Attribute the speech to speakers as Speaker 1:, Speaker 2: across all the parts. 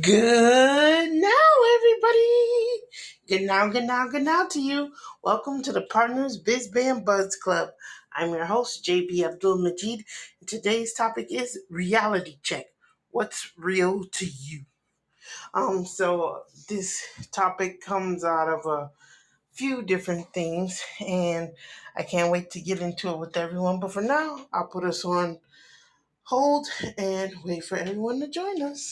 Speaker 1: Good now, everybody. Good now, good now, good now to you. Welcome to the Partners Biz Band Buzz Club. I'm your host, JB Abdul Majid. Today's topic is reality check. What's real to you? Um, so this topic comes out of a few different things, and I can't wait to get into it with everyone. But for now, I'll put us on hold and wait for everyone to join us.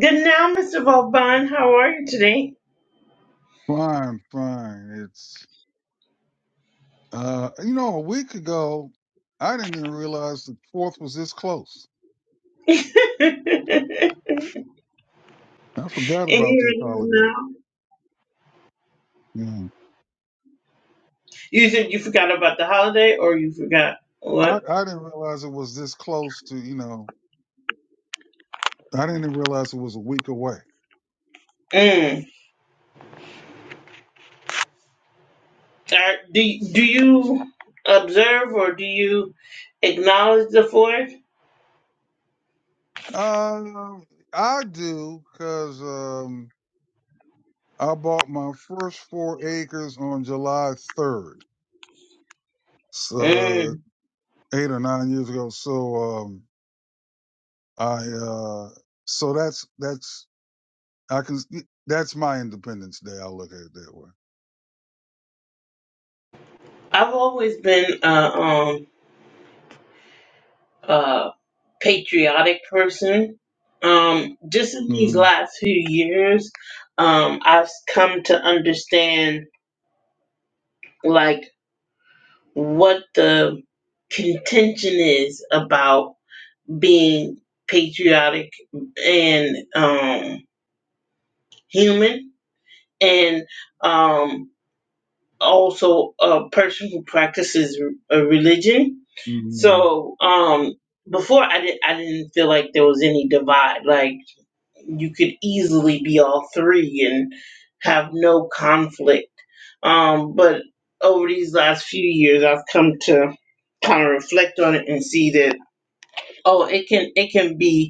Speaker 1: Good now, Mr. Vauban. How are you today?
Speaker 2: Fine, fine. It's uh you know, a week ago I didn't even realize the fourth was this close. I forgot
Speaker 1: And
Speaker 2: about
Speaker 1: here
Speaker 2: this
Speaker 1: it is
Speaker 2: holiday.
Speaker 1: now.
Speaker 2: Yeah.
Speaker 1: You said you forgot about the holiday, or you forgot
Speaker 2: I,
Speaker 1: what?
Speaker 2: I didn't realize it was this close to, you know, I didn't even realize it was a week away.
Speaker 1: Mm. Are, do do you observe or do you acknowledge the Fourth?
Speaker 2: Uh, I do because um, I bought my first four acres on July 3rd, It's, uh,
Speaker 1: Mm.
Speaker 2: eight or nine years ago. So um, I uh, so that's that's I can. That's my Independence Day. I look at it that way.
Speaker 1: I've always been a um a patriotic person. Um, just in these
Speaker 2: Mm-hmm.
Speaker 1: last few years, um, I've come to understand like what the contention is about being patriotic and um, human, and um, also a person who practices a religion.
Speaker 2: Mm-hmm.
Speaker 1: So um, before, I didn't I didn't feel like there was any divide. Like you could easily be all three and have no conflict. Um, but over these last few years, I've come to kind of reflect on it and see that oh, it can it can be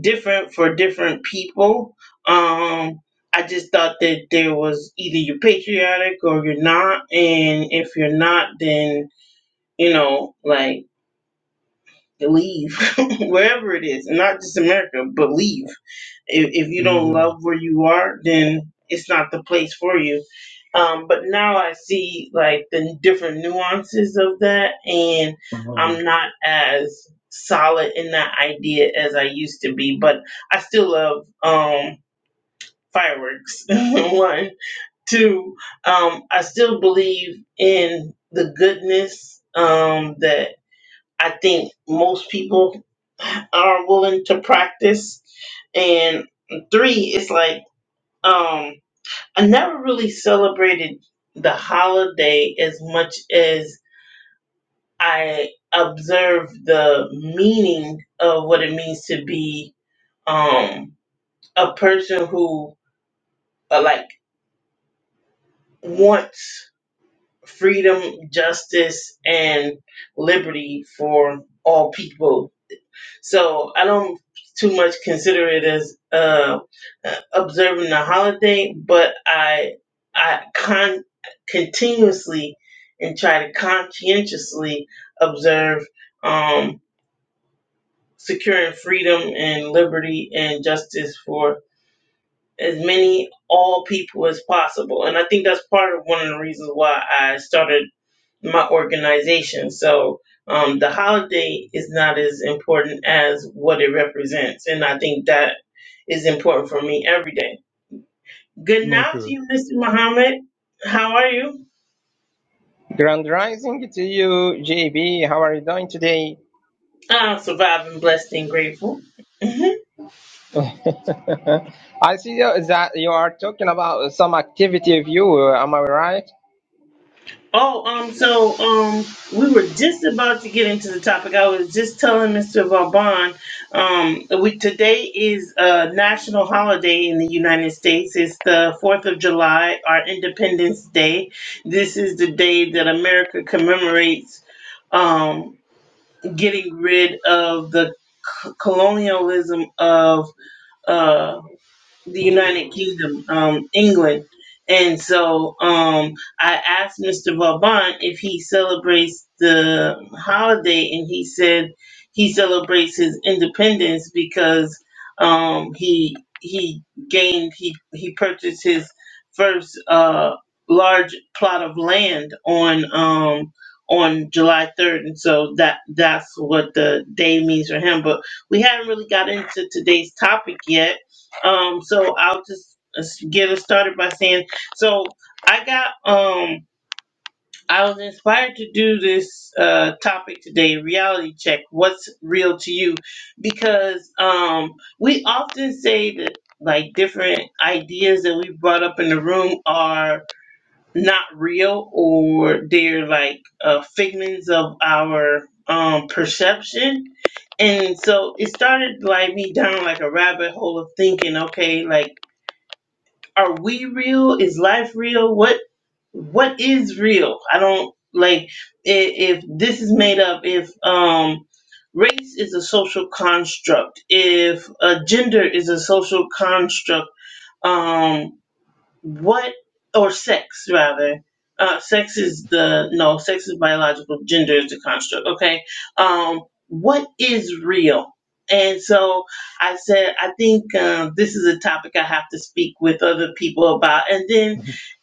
Speaker 1: different for different people. Um, I just thought that there was either you're patriotic or you're not, and if you're not, then you know, like and leave wherever it is, and not just America, but leave. If, if you don't love
Speaker 2: Yeah.
Speaker 1: where you are, then it's not the place for you. Um, but now I see like the different nuances of that, and
Speaker 2: Mhm.
Speaker 1: I'm not as solid in that idea as I used to be. But I still love um, fireworks. One, two. Um, I still believe in the goodness um, that I think most people are willing to practice. And three, it's like um, I never really celebrated the holiday as much as I observed the meaning of what it means to be um, a person who uh, like wants freedom, justice, and liberty for all people So I don't too much consider it as uh, observing a holiday, but I I con- continuously and try to conscientiously observe um, securing freedom and liberty and justice for as many all people as possible. And I think that's part of one of the reasons why I started my organization. So um, the holiday is not as important as what it represents. And I think that is important for me every day. Good night to
Speaker 2: Okay.
Speaker 1: you, Mr. Muhammad. How are you?
Speaker 3: Grand Rising to you, JB. How are you doing today?
Speaker 1: I'm surviving, blessed, and grateful.
Speaker 3: I see you- that you are talking about some activity of you. uh, Am I right?
Speaker 1: Oh, um, so um, we were just about to get into the topic. I was just telling Mr. Vauban, um, we today is a national holiday in the United States. It's the Fourth of July, our Independence Day. This is the day that America commemorates um, getting rid of the c- colonialism of. uh the United Kingdom, um, England. And so um, I asked Mr. Vauban if he celebrates the holiday, and he said he celebrates his independence because um, he he gained he he purchased his first uh, large plot of land on um, on July third, and so that that's what the day means for him. But we haven't really got into today's topic yet um, so I'll just uh, get us started by saying, so I got, um, I was inspired to do this uh, topic today, reality check. What's real to you? Because um, we often say that like different ideas that we brought up in the room are not real or they're like uh, figments of our um, perception. And so it started like me down like a rabbit hole of thinking, okay, like are we real? Is life real? What what is real? I don't like if, if this is made up. If um race is a social construct. If uh, gender is a social construct. Um what or sex rather uh, sex is the no sex is biological gender is the construct okay um what is real and so i said i think um, this is a topic i have to speak with other people about and then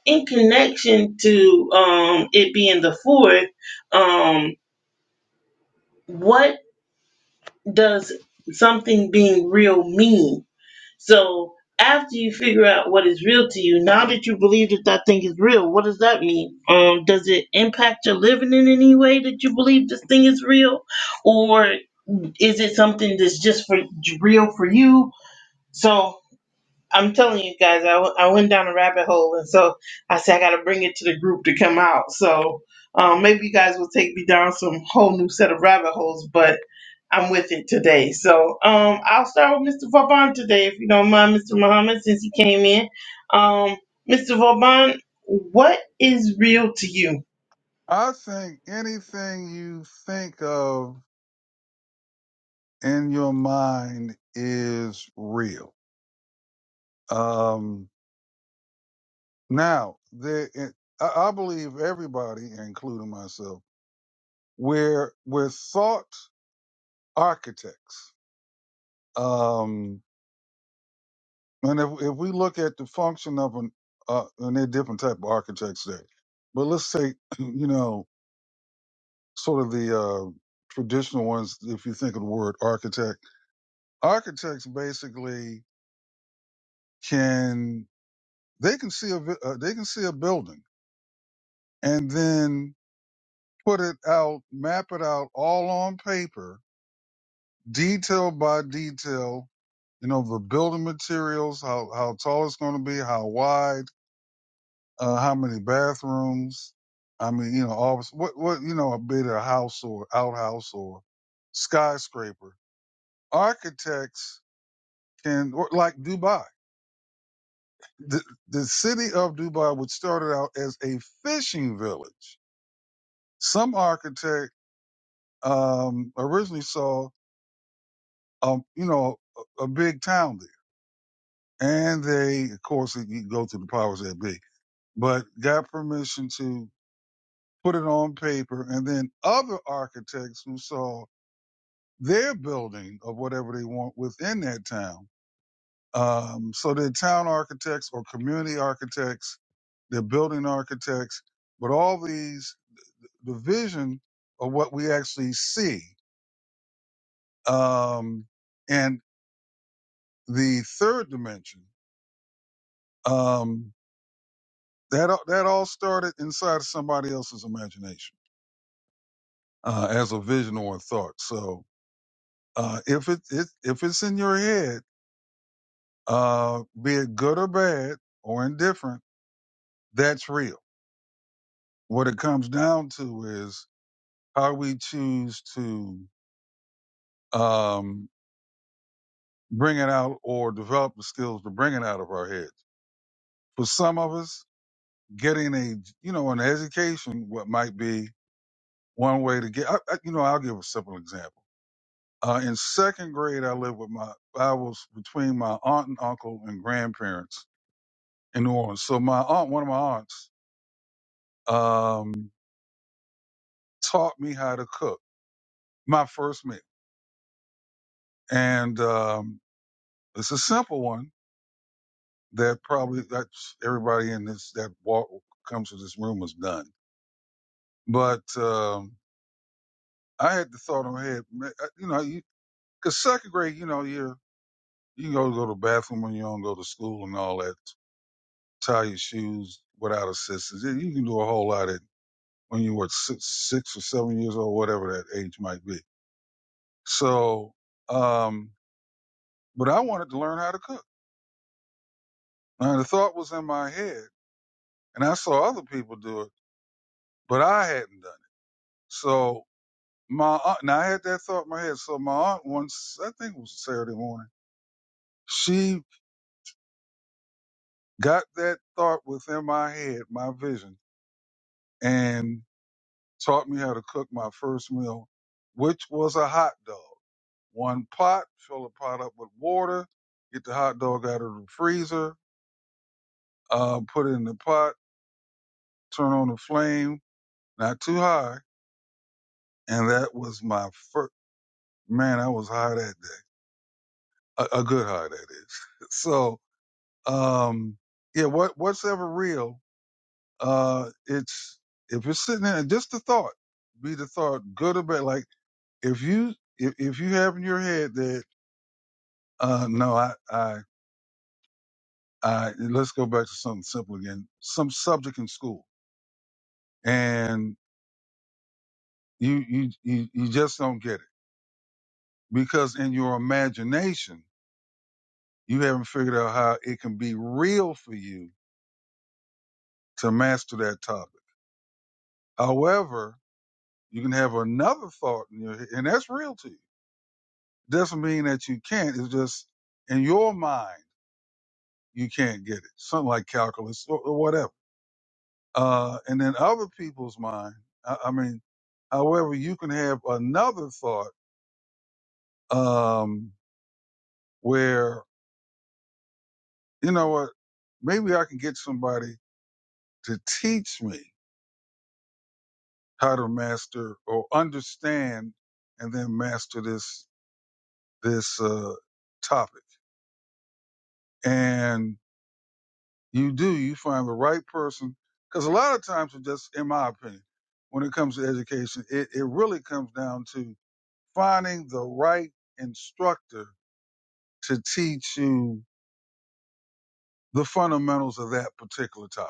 Speaker 1: in connection to um it being the fourth um what does something being real mean so after you figure out what is real to you, now that you believe that that thing is real, what does that mean? Um, does it impact your living in any way that you believe this thing is real, or is it something that's just for real for you? So I'm telling you guys, I, w- I went down a rabbit hole, and so I said I got to bring it to the group to come out. So um, maybe you guys will take me down some whole new set of rabbit holes, but I'm with it today. So um, I'll start with Mr. Vauban today, if you don't mind, Mr. Muhammad, since he came in. Um, Mr. Vauban, what is real to you?
Speaker 2: I think anything you think of in your mind is real. Um, now, there, it, I, I believe everybody, including myself, we're we're thought architects. Um, And if if we look at the function of an uh, and there are different type of architects there, but let's take you know sort of the uh, traditional ones. If you think of the word architect, architects basically can they can see a vi- uh, they can see a building and then put it out, map it out all on paper, detail by detail. You know the building materials, how how tall it's going to be, how wide uh, how many bathrooms. I mean, you know, office, what, what, you know, be it a house or outhouse or skyscraper. Architects can, or like Dubai, the, the city of Dubai, which started out as a fishing village. Some architect, um, originally saw, um, you know, a, a big town there. And they, of course, you go through the powers that be, but got permission to put it on paper. And then other architects who saw their building of whatever they want within that town. Um, so they're town architects or community architects, they're building architects, but all these, the vision of what we actually see. Um, and the third dimension, um, that, a- that all started inside of somebody else's imagination, uh, as a vision or a thought. So, uh, if it, it, if it's in your head, uh, be it good or bad or indifferent, that's real what it comes down to is how we choose to um, bring it out or develop the skills to bring it out of our heads. For some of us, getting a you know an education what might be one way to get. I, I, you know, I'll give a simple example. Uh, in second grade, I lived with my I was between my aunt and uncle and grandparents in New Orleans. So my aunt, one of my aunts, um, taught me how to cook my first meal, and um, it's a simple one that probably that's everybody in this that walk comes to this room was done. But um, I had the thought in my head, ma- I- you know, because second grade, you know, you're you go go to the bathroom when you don't go to school and all that, tie your shoes without assistance. You you can do a whole lot at when you were six, six or seven years old, whatever that age might be. So, um, but I wanted to learn how to cook, and the thought was in my head, and I saw other people do it, but I hadn't done it. So my aunt, now I had that thought in my head. So my aunt once, I think it was Saturday morning, she got that thought within my head, my vision, and taught me how to cook my first meal, which was a hot dog. One pot, fill the pot up with water, get the hot dog out of the freezer, uh, put it in the pot, turn on the flame, not too high, and that was my first. Man, I was high that day. A, a good high, that is. So um yeah what what's ever real uh it's if it's sitting there just the thought be the thought good or bad like if you if, if you have in your head that uh no i i i let's go back to something simple again some subject in school and you you you, you just don't get it because in your imagination you haven't figured out how it can be real for you to master that topic however you can have another thought in your head and that's real to you Doesn't mean that you can't. It's just in your mind you can't get it. Something like calculus or, or whatever. Uh, and then other people's mind. I, I mean, however, you can have another thought um, where you know what? Maybe I can get somebody to teach me how to master or understand and then master this this uh, topic. And You do. You find the right person. Because a lot of times, it just in my opinion, when it comes to education, it, it really comes down to finding the right instructor to teach you the fundamentals of that particular topic.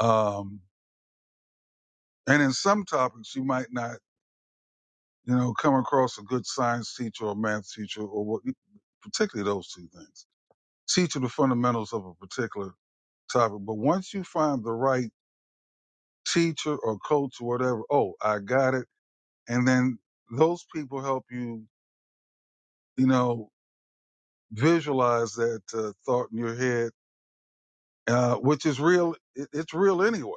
Speaker 2: Um, and in some topics, you might not, you know, come across a good science teacher or math teacher or what, particularly those two things. Teach you the fundamentals of a particular topic. But once you find the right teacher or coach or whatever, oh, I got it and then those people help you, you know, visualize that uh, thought in your head, uh, which is real. It, it's real anyway.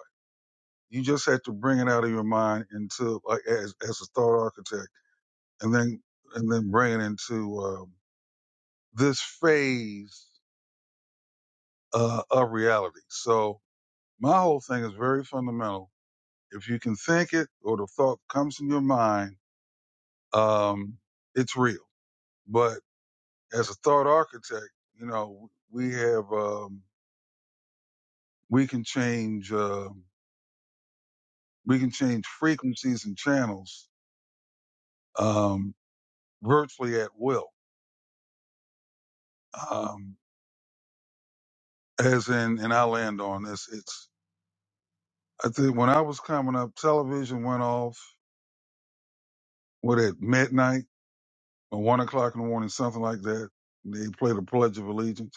Speaker 2: You just have to bring it out of your mind into like as as a thought architect, and then and then bring it into um this phase uh, of reality. So my whole thing is very fundamental. If you can think it, or the thought comes in your mind, um, it's real. But as a thought architect, you know, we have um, we can change uh, we can change frequencies and channels um, virtually at will. Um, as in, and I land on this. It's I think when I was coming up, television went off what at midnight or one o'clock in the morning, something like that. They played the Pledge of Allegiance.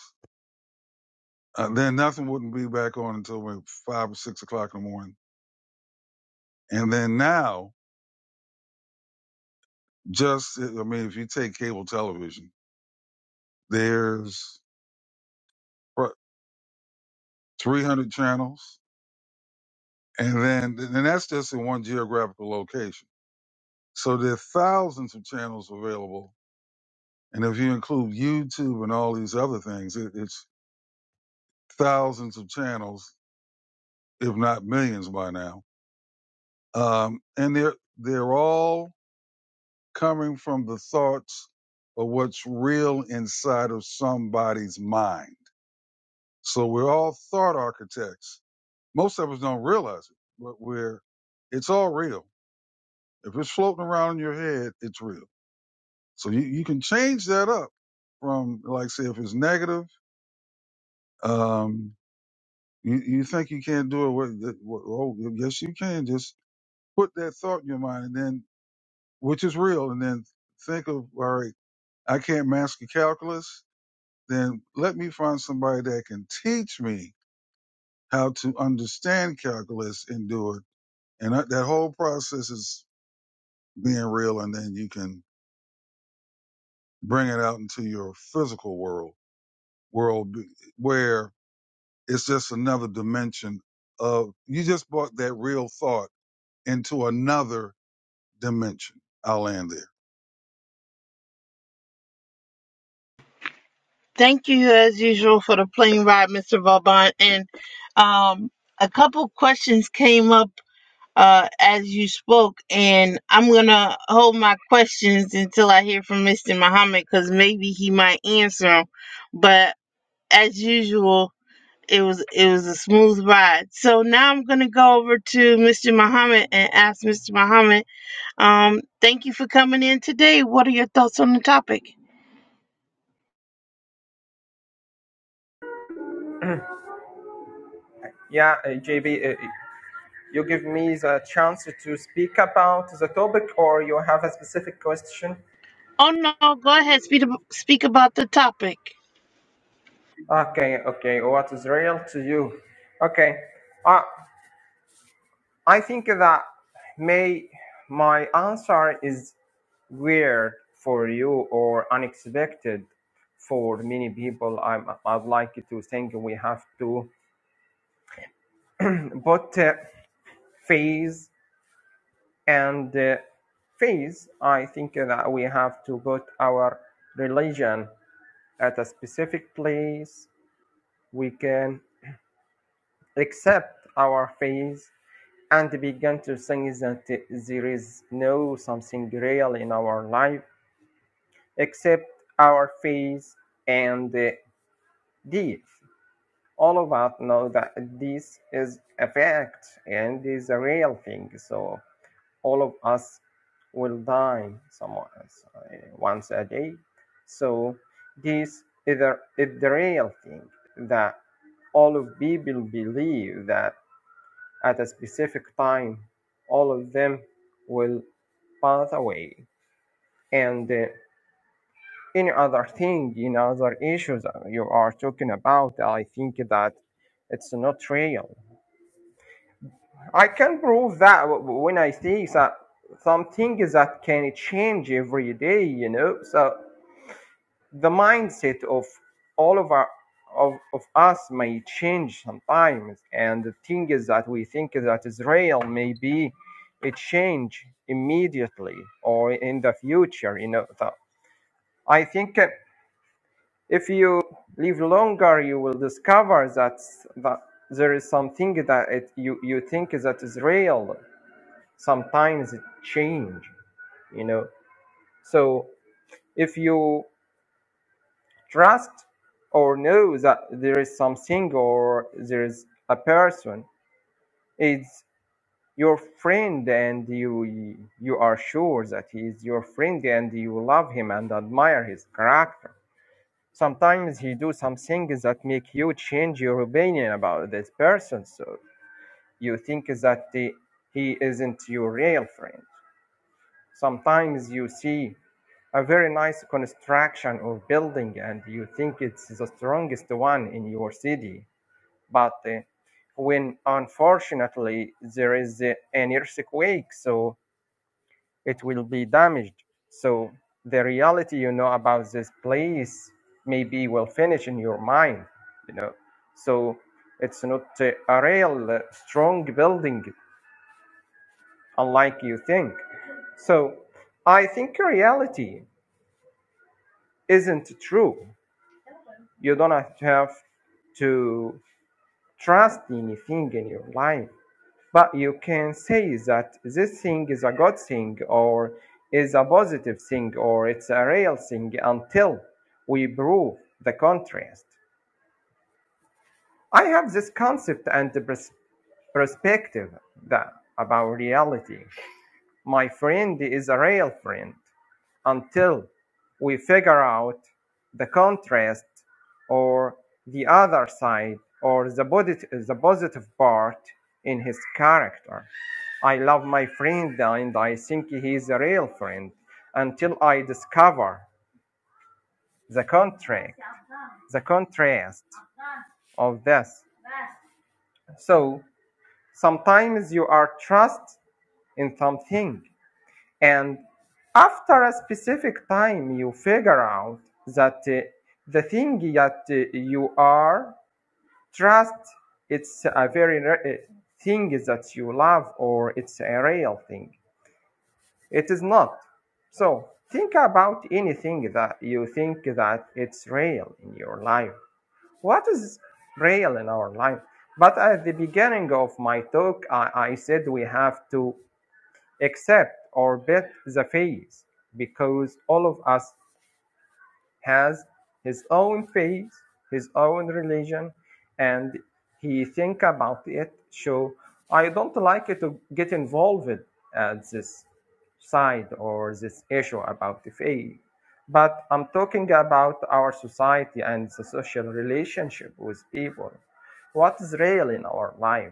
Speaker 2: Uh, then nothing wouldn't be back on until like five or six o'clock in the morning. And then now, just I mean, if you take cable television There's what 300 channels, and then and that's just in one geographical location. So there are thousands of channels available, and if you include YouTube and all these other things, it, it's thousands of channels, if not millions by now. Um, and they're they're all coming from the thoughts of what's real inside of somebody's mind. So we're all thought architects. Most of us don't realize it, but we're it's all real If it's floating around in your head, it's real. So you, you can change that up from like say if it's negative, um, you, you think you can't do it. What, what, oh, yes, you can. Just put that thought in your mind, and then which is real, and then think of all right. I can't master calculus. Then let me find somebody that can teach me how to understand calculus and do it. And that, that whole process is being real, and then you can bring it out into your physical world world b- where it's just another dimension of you just brought that real thought into another dimension. I'll land there.
Speaker 1: Thank you, as usual, for the plane ride, Mr. Vauban. And um, a couple questions came up uh, as you spoke, and I'm gonna hold my questions until I hear from Mr. Muhammad because maybe he might answer 'em. But as usual, it was it was a smooth ride. So now I'm gonna go over to Mr. Muhammad and ask Mr. Muhammad. Um, thank you for coming in today. What are your thoughts on the topic?
Speaker 3: Yeah, uh, JB, uh, you give me the chance to speak about the topic, or you have a specific question?
Speaker 1: Oh no, go ahead. Speak ab- speak about the topic.
Speaker 3: Okay, okay. What is real to you? Okay. uh, I think that may my answer is weird for you or unexpected for many people. I'm, I'd like to think we have to put uh, phase and uh, phase. I think that we have to put our religion at a specific place. We can accept our phase and begin to think that there is no something real in our life except our face and deeds. All of us know that this is a fact and is a real thing. So all of us will die somewhere uh, once a day. So this is the, is the real thing that all of people believe that at a specific time all of them will pass away and uh, any other thing, any other issues you are talking about, I think that it's not real. I can prove that when I see that something that can change every day, you know. So the mindset of all of our of, of us may change sometimes, and the thing is that we think that is real maybe it change immediately or in the future, you know. So I think. If you live longer, you will discover that, that there is something that it, you, you think that is real. Sometimes it changes, you know. So if you trust or know that there is something or there is a person, it's your friend and you you are sure that he is your friend and you love him and admire his character sometimes he do some things that make you change your opinion about this person so you think that he he isn't your real friend sometimes you see a very nice construction or building and you think it's the strongest one in your city but uh, when unfortunately there is uh, an earthquake so it will be damaged. So the reality you know about this place maybe will finish in your mind, you know. So it's not uh, a real uh, strong building, unlike you think. So I think reality isn't true. You don't have to trust anything in your life. But you can say that this thing is a good thing or is a positive thing or it's a real thing until we prove the contrast. I have this concept and the perspective that about reality. My friend is a real friend until we figure out the contrast or the other side or the, the positive part in his character. I love my friend and I think he is a real friend until I discover the contract, the contrast of this. So sometimes you are trust in something And after a specific time, you figure out that uh, the thing that uh, you are trust it's a very re- uh, thing that you love or it's a real thing. It is not. So think about anything that you think that it's real in your life. What is real in our life? But at the beginning of my talk, I, I said we have to accept or bet the faith, because all of us has his own faith, his own religion, and he think about it. So I don't like it to get involved at this side or this issue about the faith. But I'm talking about our society and the social relationship with people. What is real in our life?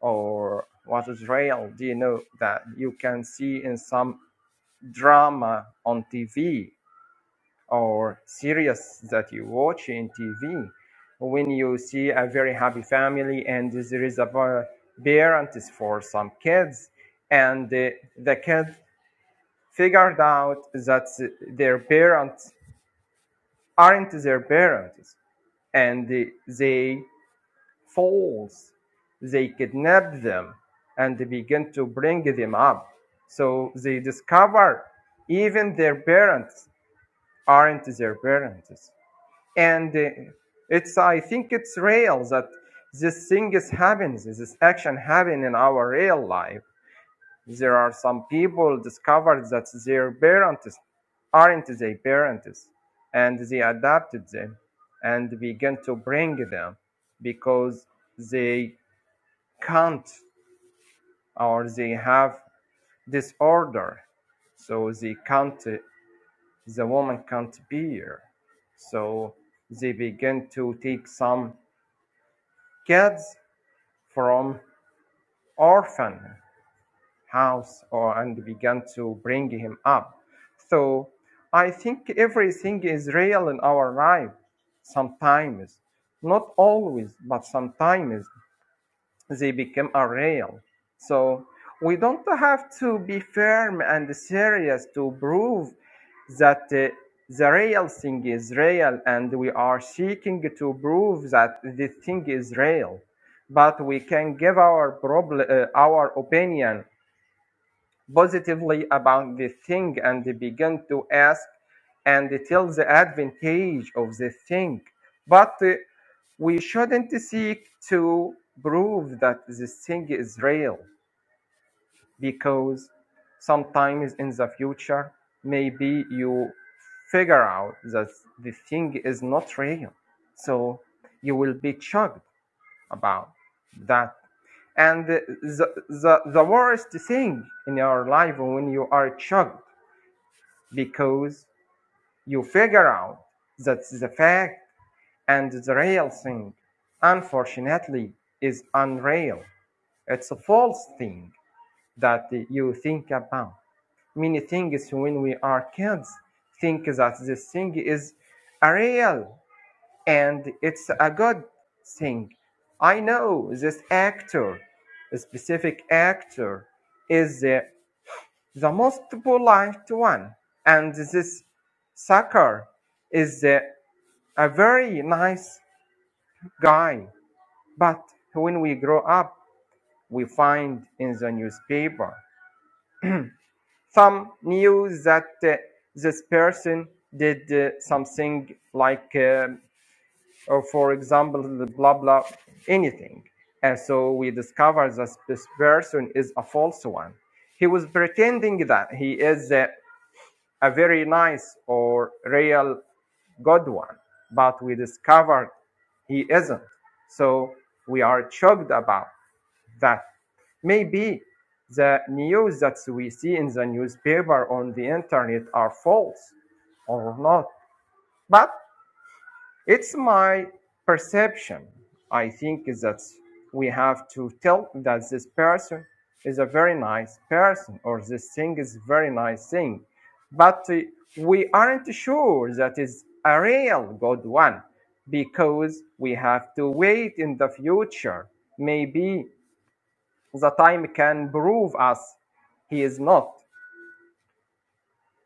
Speaker 3: or what is real do you know that you can see in some drama on tv or series that you watch in tv when you see a very happy family and there is a parent parents for some kids and the, the kid figured out that their parents aren't their parents and they falls, they kidnap them and they begin to bring them up. So they discover even their parents aren't their parents. And uh, it's, I think it's real that this thing is happens, this action happen in our real life. There are some people discovered that their parents aren't their parents and they adopted them and began to bring them because they can't or they have disorder so they can't the woman can't bear so they begin to take some kids from orphan house or and began to bring him up so i think everything is real in our life sometimes not always but sometimes they become a real. So we don't have to be firm and serious to prove that uh, the real thing is real, and we are seeking to prove that the thing is real. But we can give our problem, uh, our opinion positively about the thing and begin to ask and tell the advantage of the thing. But uh, we shouldn't seek to prove that this thing is real because sometimes in the future, maybe you figure out that the thing is not real. So you will be shocked about that. And the, the, the worst thing in your life when you are shocked because you figure out that the fact and the real thing, unfortunately, is unreal. It's a false thing that you think about. Many things when we are kids think that this thing is a real and it's a good thing. I know this actor, a specific actor, is the, the most polite one, and this sucker is the a very nice guy. But when we grow up, we find in the newspaper some news that uh, this person did uh, something like uh, or for example the blah blah anything and so we discover that this person is a false one he was pretending that he is a, a very nice or real good one but we discovered he isn't so we are shocked about that maybe the news that we see in the newspaper on the internet are false or not but it's my perception. I think that we have to tell that this person is a very nice person or this thing is a very nice thing. But uh, we aren't sure that is a real good one because we have to wait in the future. Maybe the time can prove us he is not.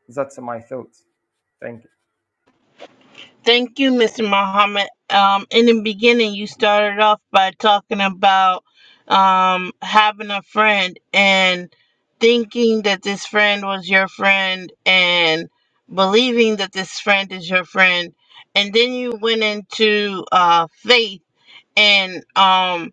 Speaker 3: That's my thought. Thank you.
Speaker 1: Thank you, Mr. Muhammad. Um, in the beginning, you started off by talking about um, having a friend and thinking that this friend was your friend and believing that this friend is your friend. And then you went into uh, faith and um,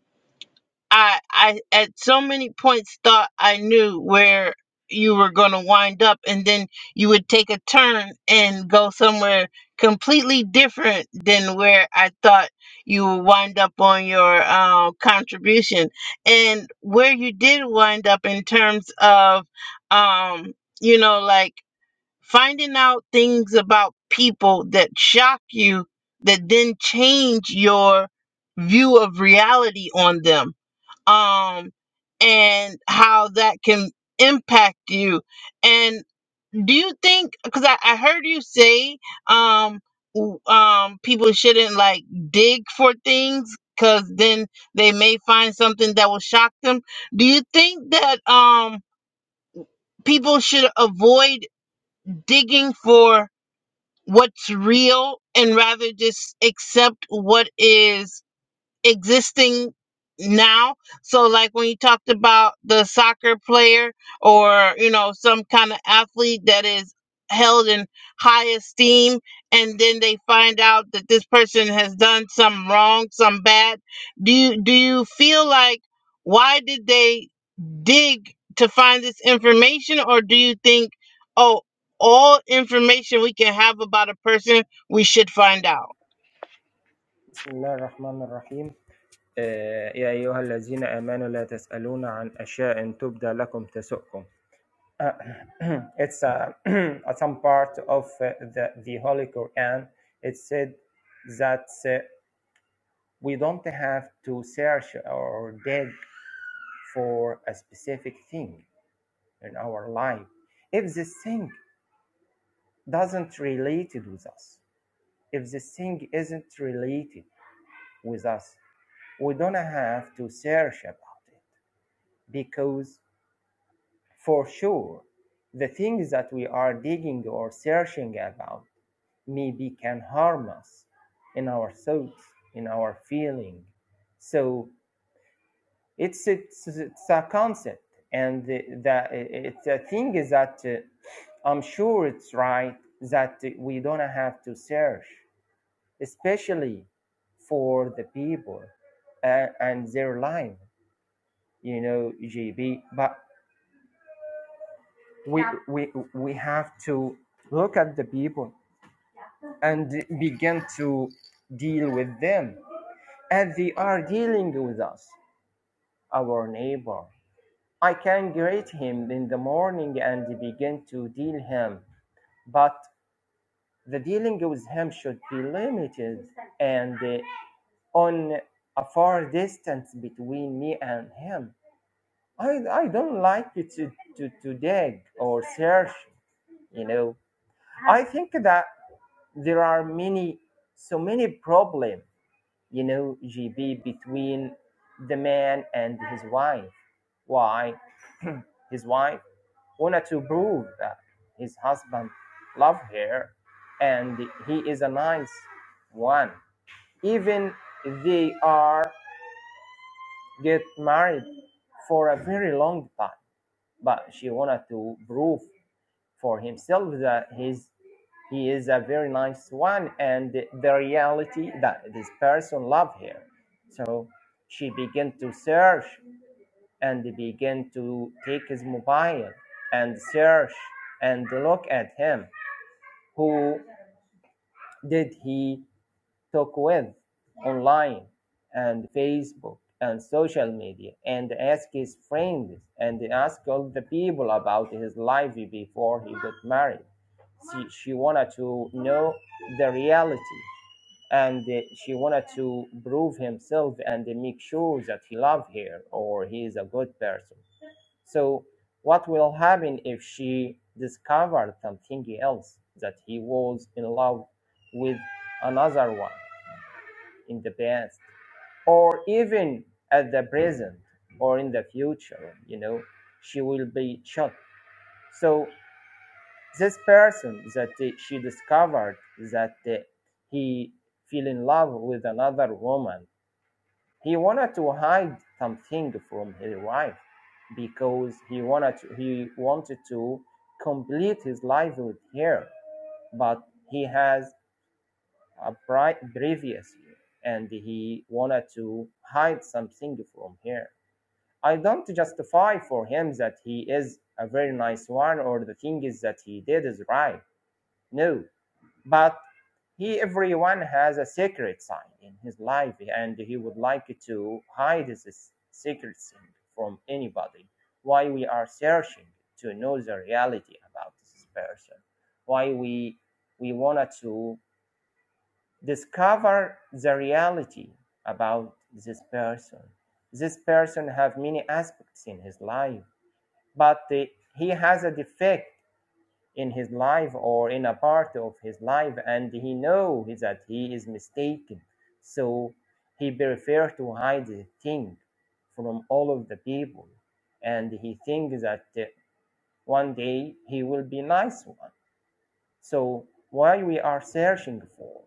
Speaker 1: I I at so many points thought I knew where you were going to wind up and then you would take a turn and go somewhere completely different than where I thought you would wind up on your uh, contribution and where you did wind up in terms of um you know like finding out things about people that shock you that then change your view of reality on them um, and how that can impact you. And do you think? Because I, I heard you say um, w- um, people shouldn't like dig for things because then they may find something that will shock them. Do you think that um, people should avoid digging for what's real and rather just accept what is? existing now. So, like when you talked about the soccer player or, you know, some kind of athlete that is held in high esteem, and then they find out that this person has done some wrong, some bad. Do you, do you feel like why did they dig to find this information, or do you think, oh, all information we can have about a person, we should find out?
Speaker 3: بسم الله الرحمن الرحيم آه، يا أيها الذين آمنوا لا تسألون عن أشياء تبدى لكم تسؤكم Uh, it's uh, a some part of uh, the, the Holy Quran it said that uh, we don't have to search or dig for a specific thing in our life if this thing doesn't related with us if this thing isn't related with us we don't have to search about it because for sure the things that we are digging or searching about maybe can harm us in our thoughts in our feeling so it's it's, it's a concept and the, the it's a thing is that uh, i'm sure it's right that we don't have to search especially for the people uh, and their life you know gb but we we we have to look at the people and begin to deal with them as they are dealing with us our neighbor i can greet him in the morning and begin to deal him but the dealing with him should be limited and uh, on a far distance between me and him i, I don't like to, to, to dig or search you know i think that there are many so many problems, you know gb between the man and his wife why his wife wanted to prove that his husband loved her and he is a nice one even they are get married for a very long time but she wanted to prove for himself that he's He is a very nice one, and the reality that this person loved her. So she began to search and began to take his mobile and search and look at him. Who did he talk with online and Facebook and social media and ask his friends and ask all the people about his life before he got married. She, she wanted to know the reality and uh, she wanted to prove himself and make sure that he loved her or he is a good person. So what will happen if she discovered something else that he was in love with another one? in the past or even at the present or in the future you know she will be shot so this person that uh, she discovered that uh, he fell in love with another woman he wanted to hide something from his wife because he wanted to, he wanted to complete his life with her but he has A previously, and he wanted to hide something from her. I don't justify for him that he is a very nice one or the thing is that he did is right. No, but he everyone has a secret side in his life and he would like to hide his secret thing from anybody why we are searching to know the reality about this person why we we wanted to discover the reality about this person. This person have many aspects in his life, but the- he has a defect in his life or in a part of his life, and he know that he is mistaken. So he prefer to hide the thing from all of the people, and he think that uh, one day he will be nice one. So why we are searching for?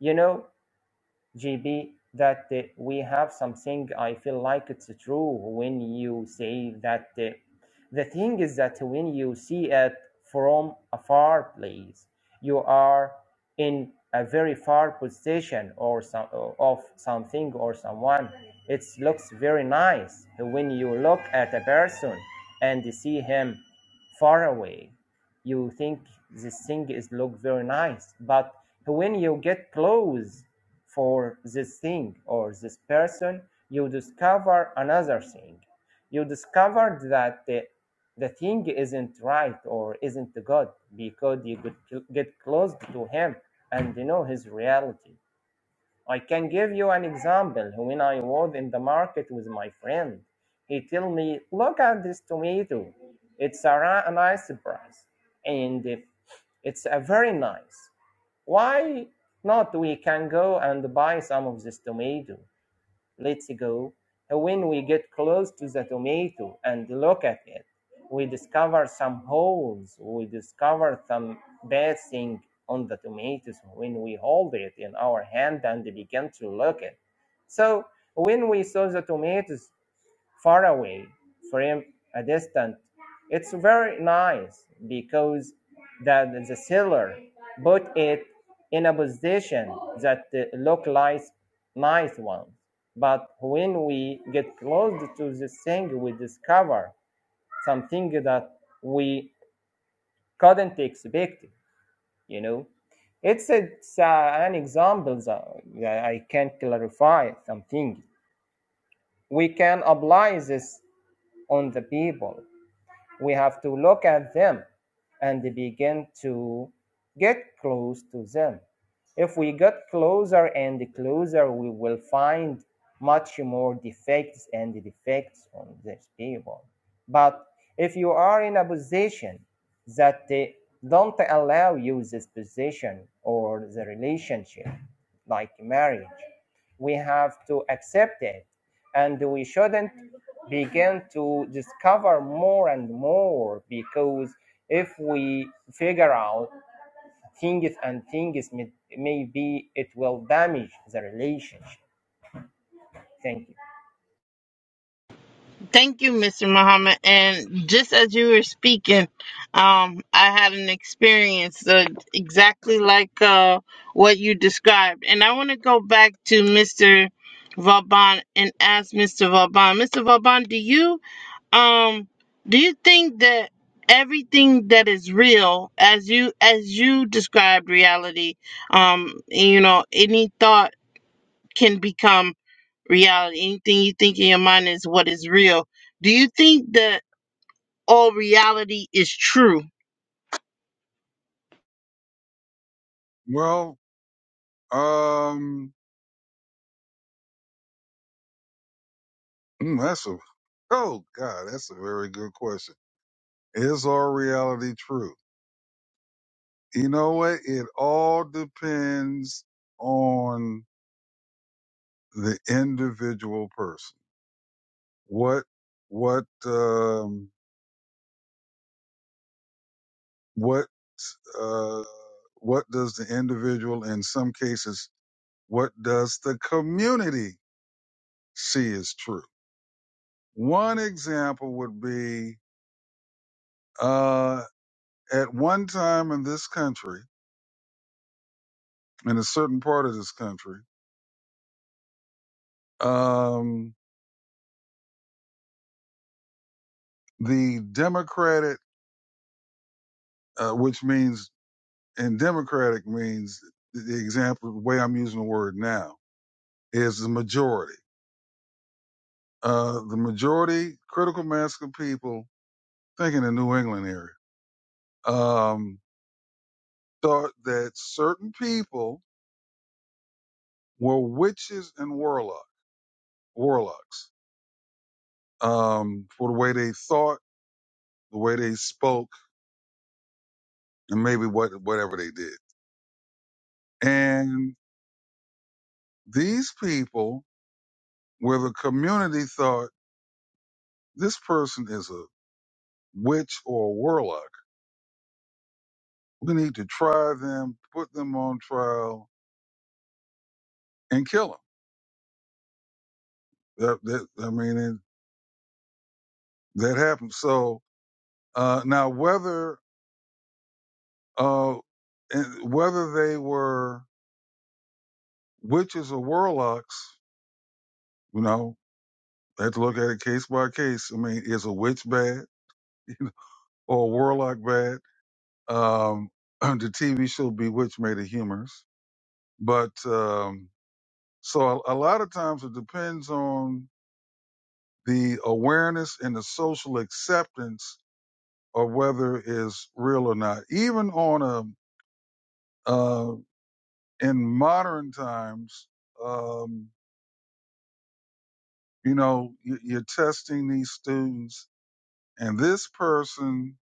Speaker 3: You know, GB, that uh, we have something. I feel like it's true when you say that. uh, the thing is that when you see it from a far place, you are in a very far position or some of something or someone. It looks very nice when you look at a person and see him far away. You think this thing is look very nice, but when you get close for this thing or this person, you discover another thing. You discovered that the, the thing isn't right or isn't good because you could get close to him and you know his reality. I can give you an example. When I was in the market with my friend, he told me, look at this tomato. It's a ri- nice price. And if it's a very nice. Why not we can go and buy some of this tomato? Let's go. When we get close to the tomato and look at it, we discover some holes. We discover some bad thing on the tomatoes when we hold it in our hand and begin to look at. it. So when we saw the tomatoes, far away from a distant. It's very nice because that the seller put it in a position that look like nice one. But when we get close to the thing, we discover something that we couldn't expect. You know, it's, it's uh, an example that that I can clarify something. We can apply this on the people we have to look at them and begin to get close to them. If we get closer and closer, we will find much more defects and defects on these people. But if you are in a position that they don't allow you this position or the relationship, like marriage, we have to accept it and we shouldn't begin to discover more and more because if we figure out things and things maybe it will damage the relationship thank you
Speaker 1: Thank you, Mr. Muhammad. And just as you were speaking, um, I had an experience uh, exactly like uh, what you described. And I want to go back to Mr. Vauban and ask Mr. Vauban. Mr. Vauban, do you? um do you think that everything that is real as you as you described reality um you know any thought can become reality anything you think in your mind is what is real do you think that all reality is true
Speaker 2: Well, um, mm, that's a oh god, that's a very good question. Is our reality true? You know what? It all depends on the individual person. What what um what uh what does the individual in some cases What does the community see as true? One example would be uh, at one time in this country, in a certain part of this country, um, the Democratic, uh, which means, and Democratic means the example, the way I'm using the word now, is the majority. Uh, the majority, critical mass of people, think in the New England area, um, thought that certain people were witches and warlock warlocks um, for the way they thought, the way they spoke, and maybe what whatever they did. And these people, where the community thought this person is a witch or a warlock, we need to try them, put them on trial, and kill them. That, that I mean, it, that happened. So uh, now whether uh, and whether they were witches or warlocks, you know, I have to look at it case by case. I mean, is a witch bad or a warlock bad? Um, the TV show Bewitched made it humorous, but um, so a, a lot of times it depends on the awareness and the social acceptance of whether it's real or not. Even on a uh, in modern times, um, you know, you, you're testing these students, and this person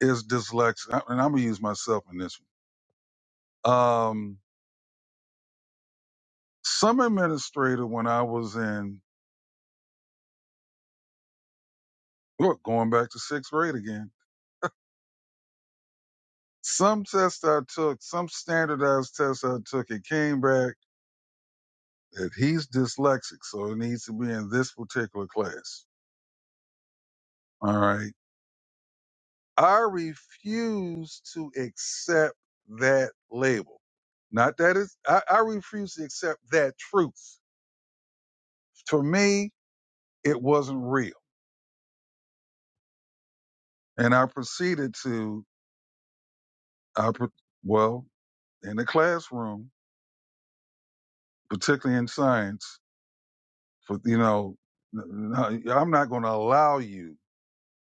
Speaker 2: is dyslexic, and I'm gonna use myself in this Um, some administrator when I was in, look, going back to sixth grade again, some test I took, some standardized test I took, it came back that he's dyslexic, so it needs to be in this particular class. All right. I refuse to accept that label. Not that it's, I, I refuse to accept that truth. For me, it wasn't real. And I proceeded to, I, pro- well, in the classroom, particularly in science. For you know, n- n- I'm not going to allow you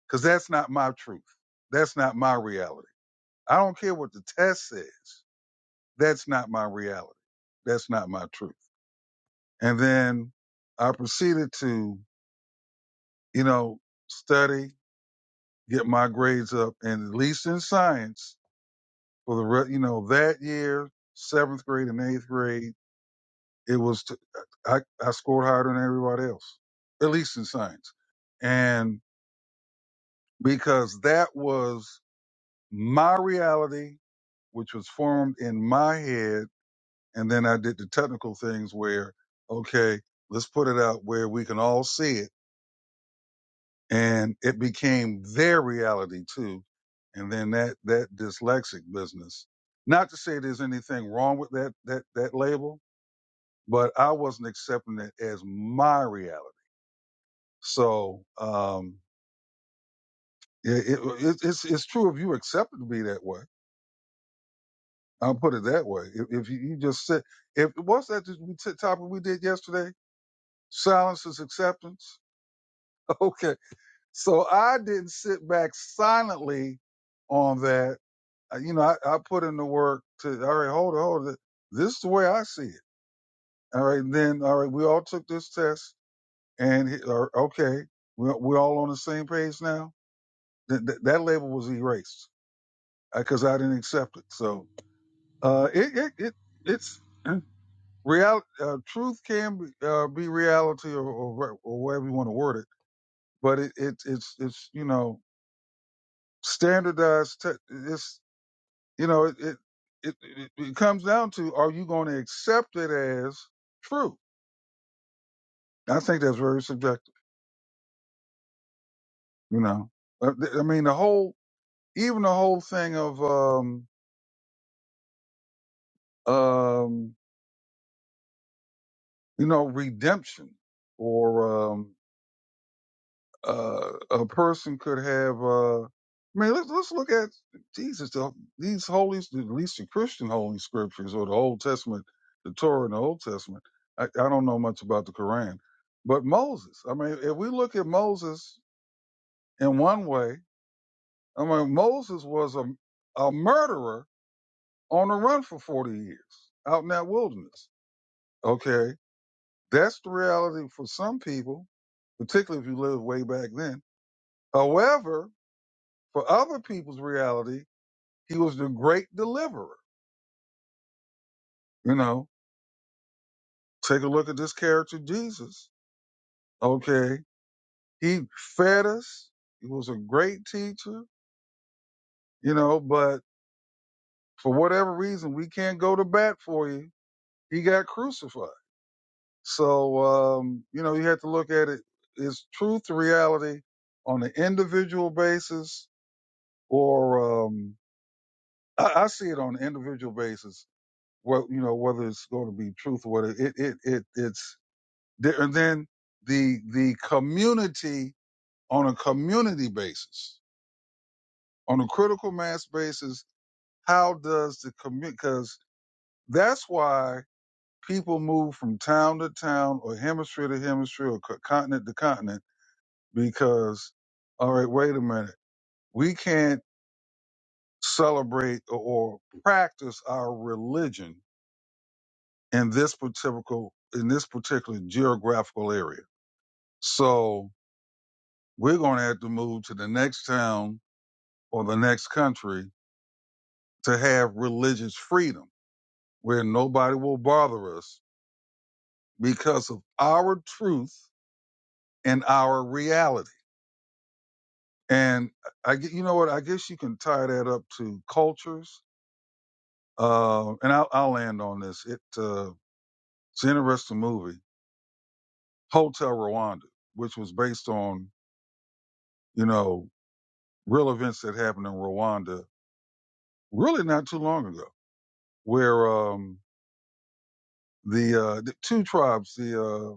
Speaker 2: because that's not my truth. That's not my reality. I don't care what the test says. That's not my reality. That's not my truth. And then I proceeded to, you know, study, get my grades up, and at least in science for the re- you know that year, seventh grade and eighth grade, it was t- I I scored higher than everybody else, at least in science. And because that was my reality, which was formed in my head. And then I did the technical things where, okay, let's put it out where we can all see it. And it became their reality too. And then that, that dyslexic business, not to say there's anything wrong with that, that, that label, but I wasn't accepting it as my reality. So, um, it, it, it's, it's true if you accept it to be that way I'll put it that way. If, if you, you just sit, if what's that that we t- topic we did yesterday? Silence is acceptance. Okay, so I didn't sit back silently on that. Uh, You know, I, I put in the work to. All right, hold it, hold it. This is the way I see it. All right, and then all right, we all took this test, and he- or, okay, we're, we're all on the same page now. Th- th- that label was erased because I didn't accept it. So uh, it, it it it's. Real uh, truth can be, uh, be reality or, or wha- or whatever you want to word it, but it, it it's it's you know standardized. Te- it's you know it it, it it it comes down to are you going to accept it as true? I think that's very subjective. You know, Uh, th- I mean the whole even the whole thing of um um you know redemption or um uh, a person could have. Uh, man, let's let's look at Jesus. The, these holy, at least the Christian holy scriptures or the Old Testament, the Torah and the Old Testament. I, I don't know much about the Quran, but Moses. I mean, if we look at Moses in one way, I mean Moses was a a murderer on the run for forty years out in that wilderness. Okay, that's the reality for some people, particularly if you live way back then. However, For other people's reality, he was the great deliverer. You know, take a look at this character, Jesus. Okay. He fed us. He was a great teacher, you know, but for whatever reason, we can't go to bat for you. He got crucified. So, um, you know, you have to look at it. Is truth to reality on an individual basis or, um, I, I see it on an individual basis. Well, you know, whether it's going to be truth or whether it, it, it, it's The- and then the the community on a community basis, on a critical mass basis, how does the community? Because that's why people move from town to town, or hemisphere to hemisphere, or co- continent to continent. Because, all right, wait a minute, we can't celebrate or, or practice our religion in this particular in this particular geographical area. So we're going to have to move to the next town or the next country to have religious freedom where nobody will bother us because of our truth and our reality. And I you know what? I guess you can tie that up to cultures. Uh, and I'll, I'll land on this. It, uh, it's an interesting movie, Hotel Rwanda, which was based on, you know, real events that happened in Rwanda really not too long ago, where, um, the, uh, the two tribes, the, uh,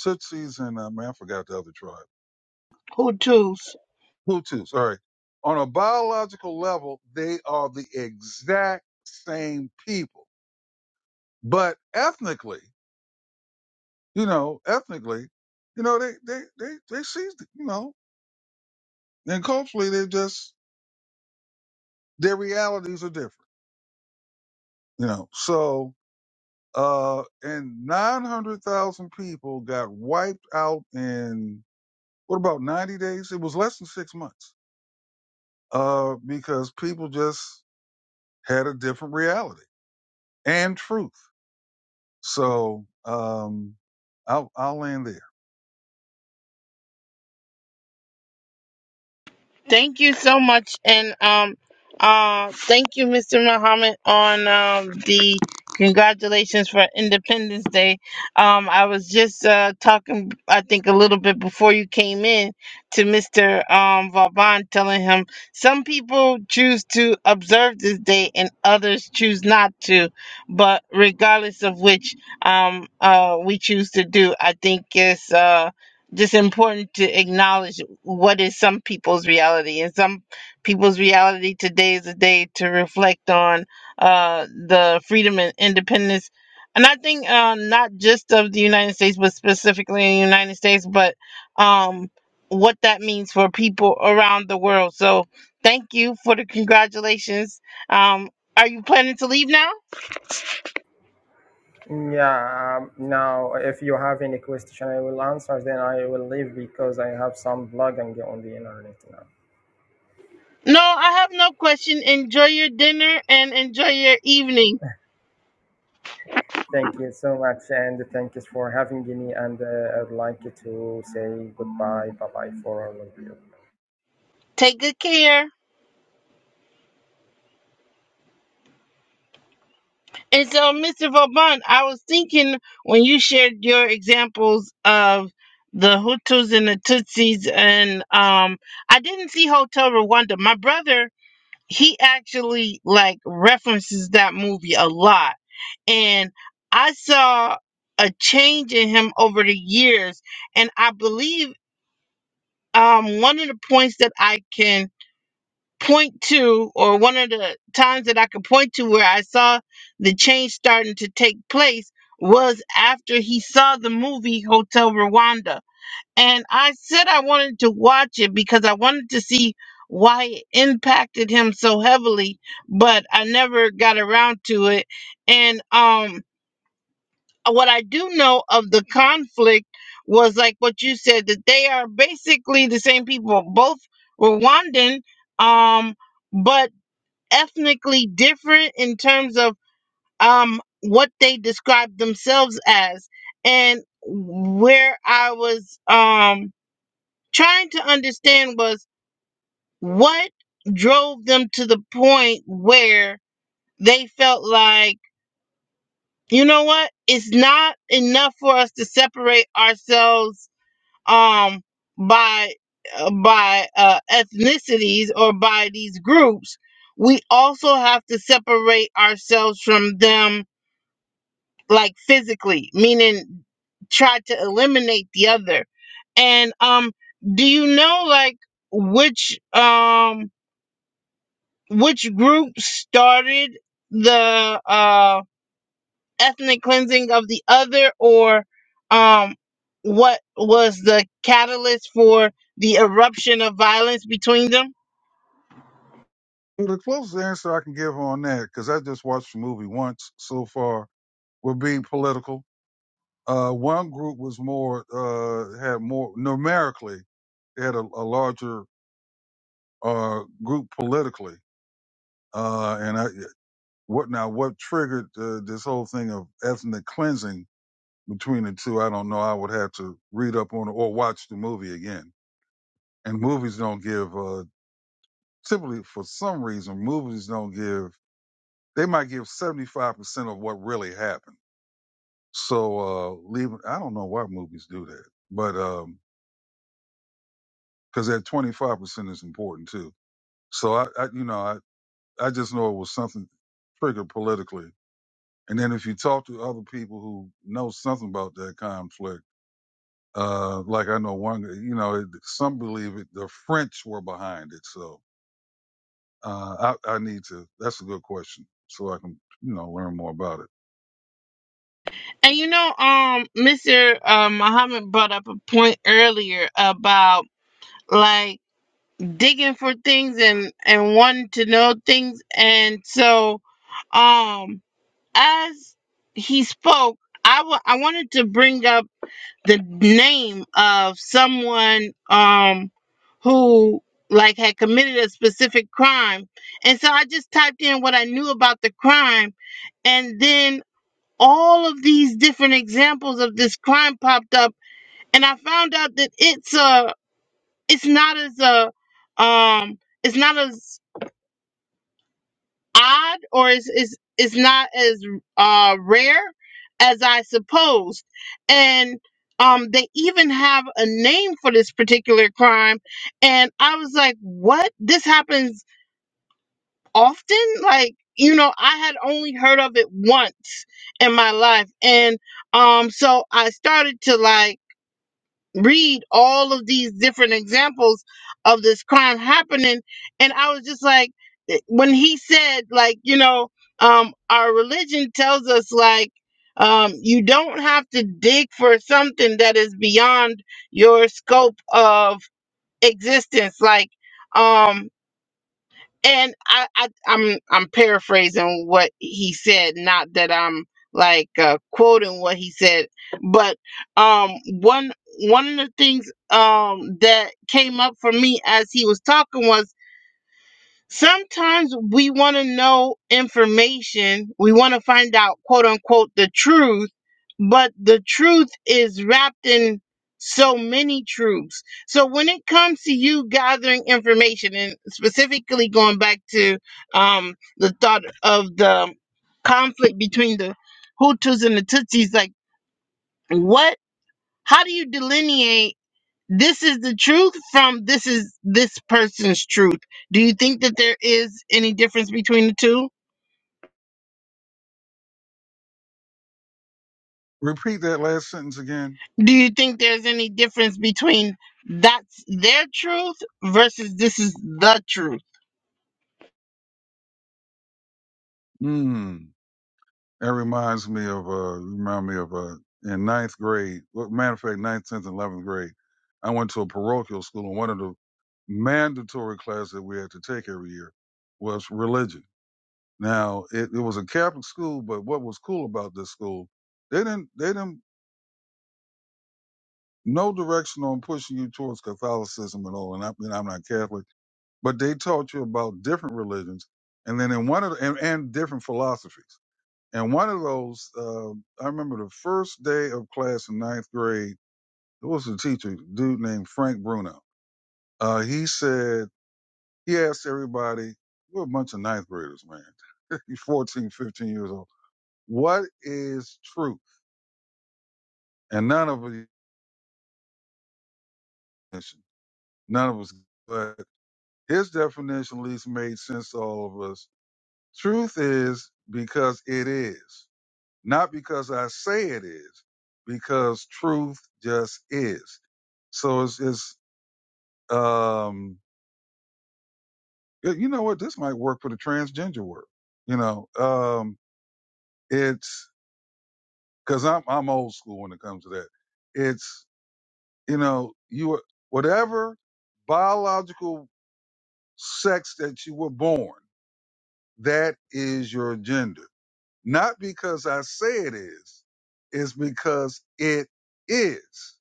Speaker 2: Tutsis and um, I forgot the other tribe.
Speaker 1: who tools
Speaker 2: Hutu, sorry. On a biological level, they are the exact same people, but ethnically, you know, ethnically, you know, they they they they see, you know, and culturally, they just their realities are different, you know. So, uh, and nine hundred thousand people got wiped out in what about ninety days? It was less than six months, uh, because people just had a different reality and truth. So um, I'll, I'll land there.
Speaker 1: Thank you so much, and um, uh, thank you, Mr. Muhammad, on um, the congratulations for Independence Day. Um, I was just uh, talking, I think, a little bit before you came in to Mr. Um, Vauban, telling him some people choose to observe this day and others choose not to. But regardless of which, um, uh, we choose to do, I think it's uh just important to acknowledge what is some people's reality and some people's reality today is a day to reflect on uh, the freedom and independence and i think uh, not just of the united states but specifically in the united states but um, what that means for people around the world so thank you for the congratulations um, are you planning to leave now
Speaker 3: Yeah, um, now if you have any question, I will answer, then I will leave because I have some blogging on the internet now.
Speaker 1: no i have no question enjoy your dinner and enjoy your evening
Speaker 3: Thank you so much, and thank you for having me. And uh, I'd like to say goodbye, bye bye for all of you.
Speaker 1: take good care And so, Mr. Vauban, I was thinking when you shared your examples of the Hutus and the Tutsis, and um, I didn't see Hotel Rwanda. My brother, he actually like references that movie a lot, and I saw a change in him over the years, and I believe um, one of the points that I can point to, or one of the times that I could point to where I saw the change starting to take place was after he saw the movie Hotel Rwanda. And I said I wanted to watch it because I wanted to see why it impacted him so heavily, but I never got around to it. And um, what I do know of the conflict was like what you said that they are basically the same people, both Rwandan, um, but ethnically different in terms of um what they describe themselves as and where i was um trying to understand was what drove them to the point where they felt like you know what it's not enough for us to separate ourselves um by uh, by uh, ethnicities or by these groups we also have to separate ourselves from them like physically, meaning try to eliminate the other. And um, do you know like which um which group started the uh ethnic cleansing of the other, or um what was the catalyst for the eruption of violence between them?
Speaker 2: The closest answer I can give on that, because I just watched the movie once so far, would be political. Uh, one group was more uh, had more numerically they had a, a larger uh, group politically, uh, and I, what now? What triggered uh, this whole thing of ethnic cleansing between the two? I don't know. I would have to read up on it or watch the movie again. And movies don't give uh, typically for some reason movies don't give they might give 75% of what really happened so uh leave i don't know why movies do that but um because that 25% is important too so I, I you know i i just know it was something triggered politically and then if you talk to other people who know something about that conflict uh like i know one you know it, some believe it the french were behind it so uh i i need to that's a good question so i can you know learn more about it
Speaker 1: And you know, um, Mr. Uh, Muhammad brought up a point earlier about like digging for things and and wanting to know things and so um as he spoke I wa- I wanted to bring up the name of someone um who like had committed a specific crime and so I just typed in what I knew about the crime and then all of these different examples of this crime popped up and I found out that it's a it's not as a um it's not as odd or is is is not as uh rare as I supposed. And um they even have a name for this particular crime and I was like, "What? This happens often?" Like, you know, I had only heard of it once in my life. And um so I started to like read all of these different examples of this crime happening and i was just like eh, when he said like you know um our religion tells us like um you don't have to dig for something that is beyond your scope of existence like um and I, I I'm I'm paraphrasing what he said, not that I'm like uh, quoting what he said, but um one one of the things um that came up for me as he was talking was sometimes we want to know information, we want to find out, quote unquote, the truth, but the truth is wrapped in so many truths. So when it comes to you gathering information, and specifically going back to um, the thought of the conflict between the Hutus and the Tutsis, like what? How do you delineate? this is the truth from this is this person's truth. Do you think that there is any difference between the two?
Speaker 2: Repeat that last sentence again.
Speaker 1: Do you think there's any difference between that's their truth versus this is the truth?
Speaker 2: Mm. That reminds me of uh remind me of uh in ninth grade. Well, matter of fact, ninth, tenth, and eleventh grade, I went to a parochial school and one of the mandatory classes that we had to take every year was religion. Now it, it was a Catholic school, but what was cool about this school, they didn't they didn't no direction on pushing you towards Catholicism at all. And I mean I'm not Catholic, but they taught you about different religions and then in one of the, and, and different philosophies. And one of those, uh, I remember the first day of class in ninth grade, there was a teacher, a dude named Frank Bruno. Uh, he said, he asked everybody, we're a bunch of ninth graders, man, 14, 15 years old. What is truth? And none of us, none of us, but his definition at least made sense to all of us. Truth is because it is, not because I say it is, because truth just is. So it's, it's Um, y- you know what? This might work for the transgender world. You know, um, it's because I'm I'm old school when it comes to that. It's you know you are- whatever biological sex that you were born, that is your gender. Not because I say it is, it's because it is.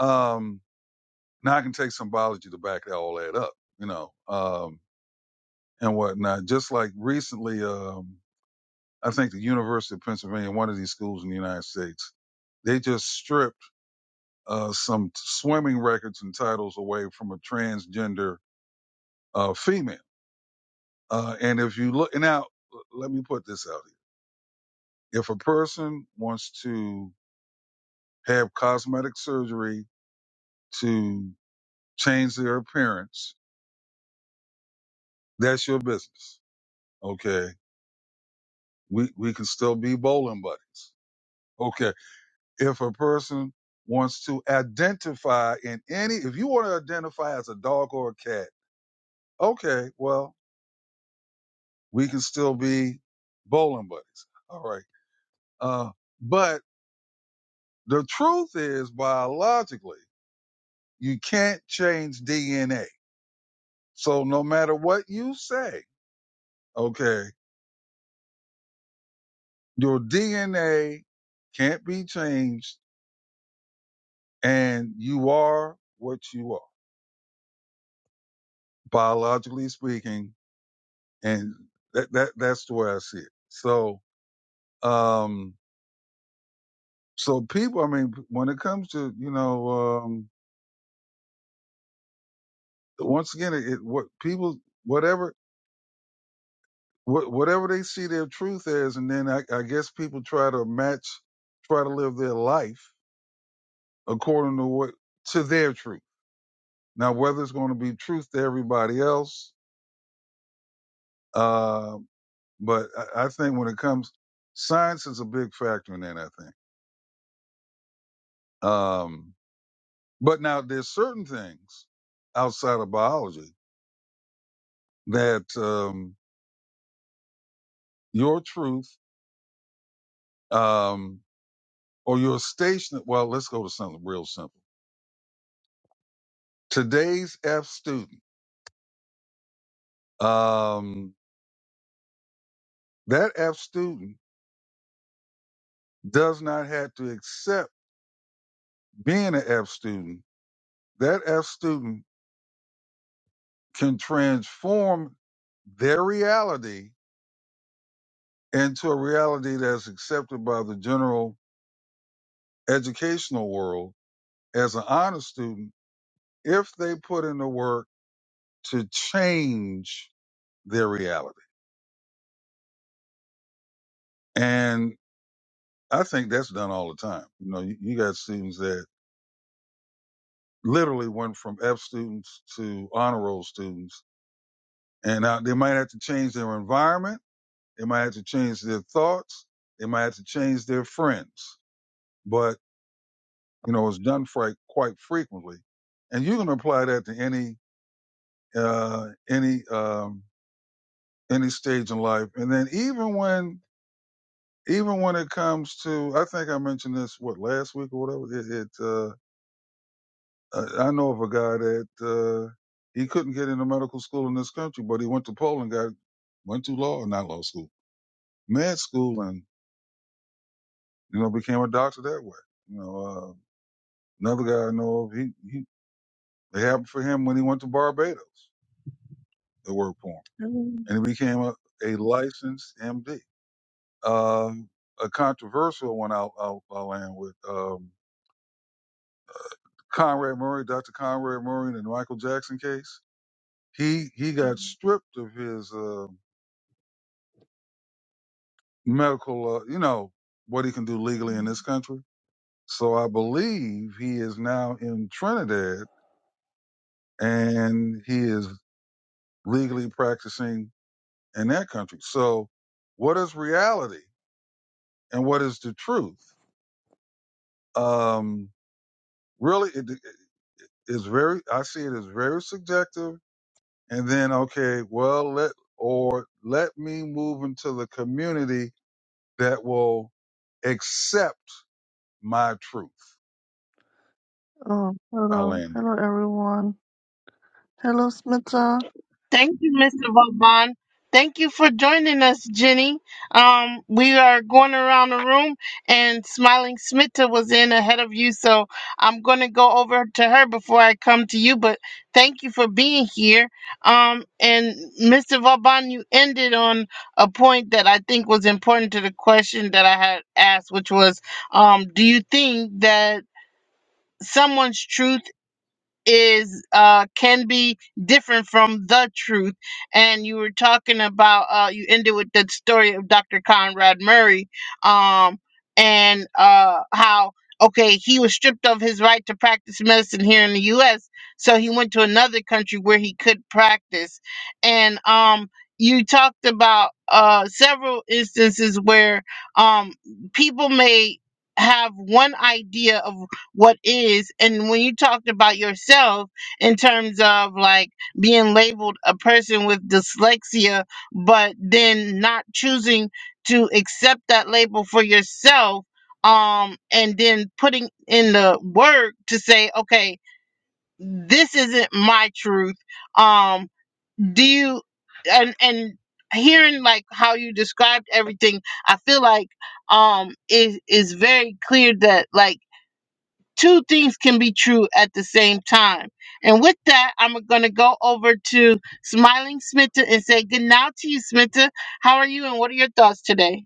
Speaker 2: Um, now I can take some biology to back all that up, you know, um, and whatnot. Just like recently, um, I think the University of Pennsylvania, one of these schools in the United States, they just stripped uh, some swimming records and titles away from a transgender uh, female. Uh, and if you look and now, let me put this out here: if a person wants to have cosmetic surgery to change their appearance, that's your business. Okay, we we can still be bowling buddies. Okay. if a person wants to identify in any if you want to identify as a dog or a cat okay well we can still be bowling buddies all right uh but the truth is biologically you can't change dna so no matter what you say okay your dna can't be changed and you are what you are biologically speaking and that, that that's the way i see it so Um, so people, I mean, when it comes to you know, um, once again, it, it what people whatever wha- whatever they see their truth as, and then I, I guess people try to match, try to live their life according to what to their truth. Now, whether it's going to be truth to everybody else, uh, but I, I think when it comes, science is a big factor in that. I think, um, but now there's certain things outside of biology that. Um, your truth um, or your station. Well, let's go to something real simple. Today's F student, um, that F student does not have to accept being an F student. That F student can transform their reality into a reality that's accepted by the general educational world as an honor student if they put in the work to change their reality. and. I think that's done all the time. You know, you, you got students that literally went from F students to honor roll students, and now they might have to change their environment, they might have to change their thoughts, they might have to change their friends. But you know, it's done fri- quite frequently, and you can apply that to any uh, any um, any stage in life. And then even when even when it comes to, I think I mentioned this what last week or whatever. It, it uh, I, I know of a guy that uh, he couldn't get into medical school in this country, but he went to Poland, got went to law, not law school, med school, and you know became a doctor that way. You know, uh, another guy I know of, he, he it happened for him when he went to Barbados. It worked for him,
Speaker 4: Hello.
Speaker 2: and he became a, a licensed MD. Um, a controversial one I'll, I'll, I'll land with um, Conrad Murray, Dr. Conrad Murray, in the Michael Jackson case. He he got stripped of his. Uh, medical, uh, you know, what he can do legally in this country. So I believe he is now in Trinidad and he is legally practicing in that country. So what is reality and what is the truth? Um, really, it, it is very, I see it as very subjective. And then, okay, well, let, or let me move into the community that will accept my truth.
Speaker 4: Oh,
Speaker 2: I
Speaker 4: hello.
Speaker 2: land there.
Speaker 4: Hello, everyone. Hello, Smita.
Speaker 1: Thank you, Mr. Vauban. Thank you for joining us, Jenny. Um, we are going around the room, and Smiling Smitta was in ahead of you, so I'm going to go over to her before I come to you. But thank you for being here. Um, and Mr. Vauban, you ended on a point that I think was important to the question that I had asked, which was, um, do you think that someone's truth is uh can be different from the truth and you were talking about uh you ended with the story of dr conrad murray um and uh how okay he was stripped of his right to practice medicine here in the us so he went to another country where he could practice and um you talked about uh several instances where um people may have one idea of what is and when you talked about yourself in terms of like being labeled a person with dyslexia but then not choosing to accept that label for yourself um and then putting in the work to say okay this isn't my truth um do you and and hearing like how you described everything i feel like um it is very clear that like two things can be true at the same time. And with that, I'm going to go over to Smiling Smitta and say good night to you, Smitta. How are you, and what are your thoughts today?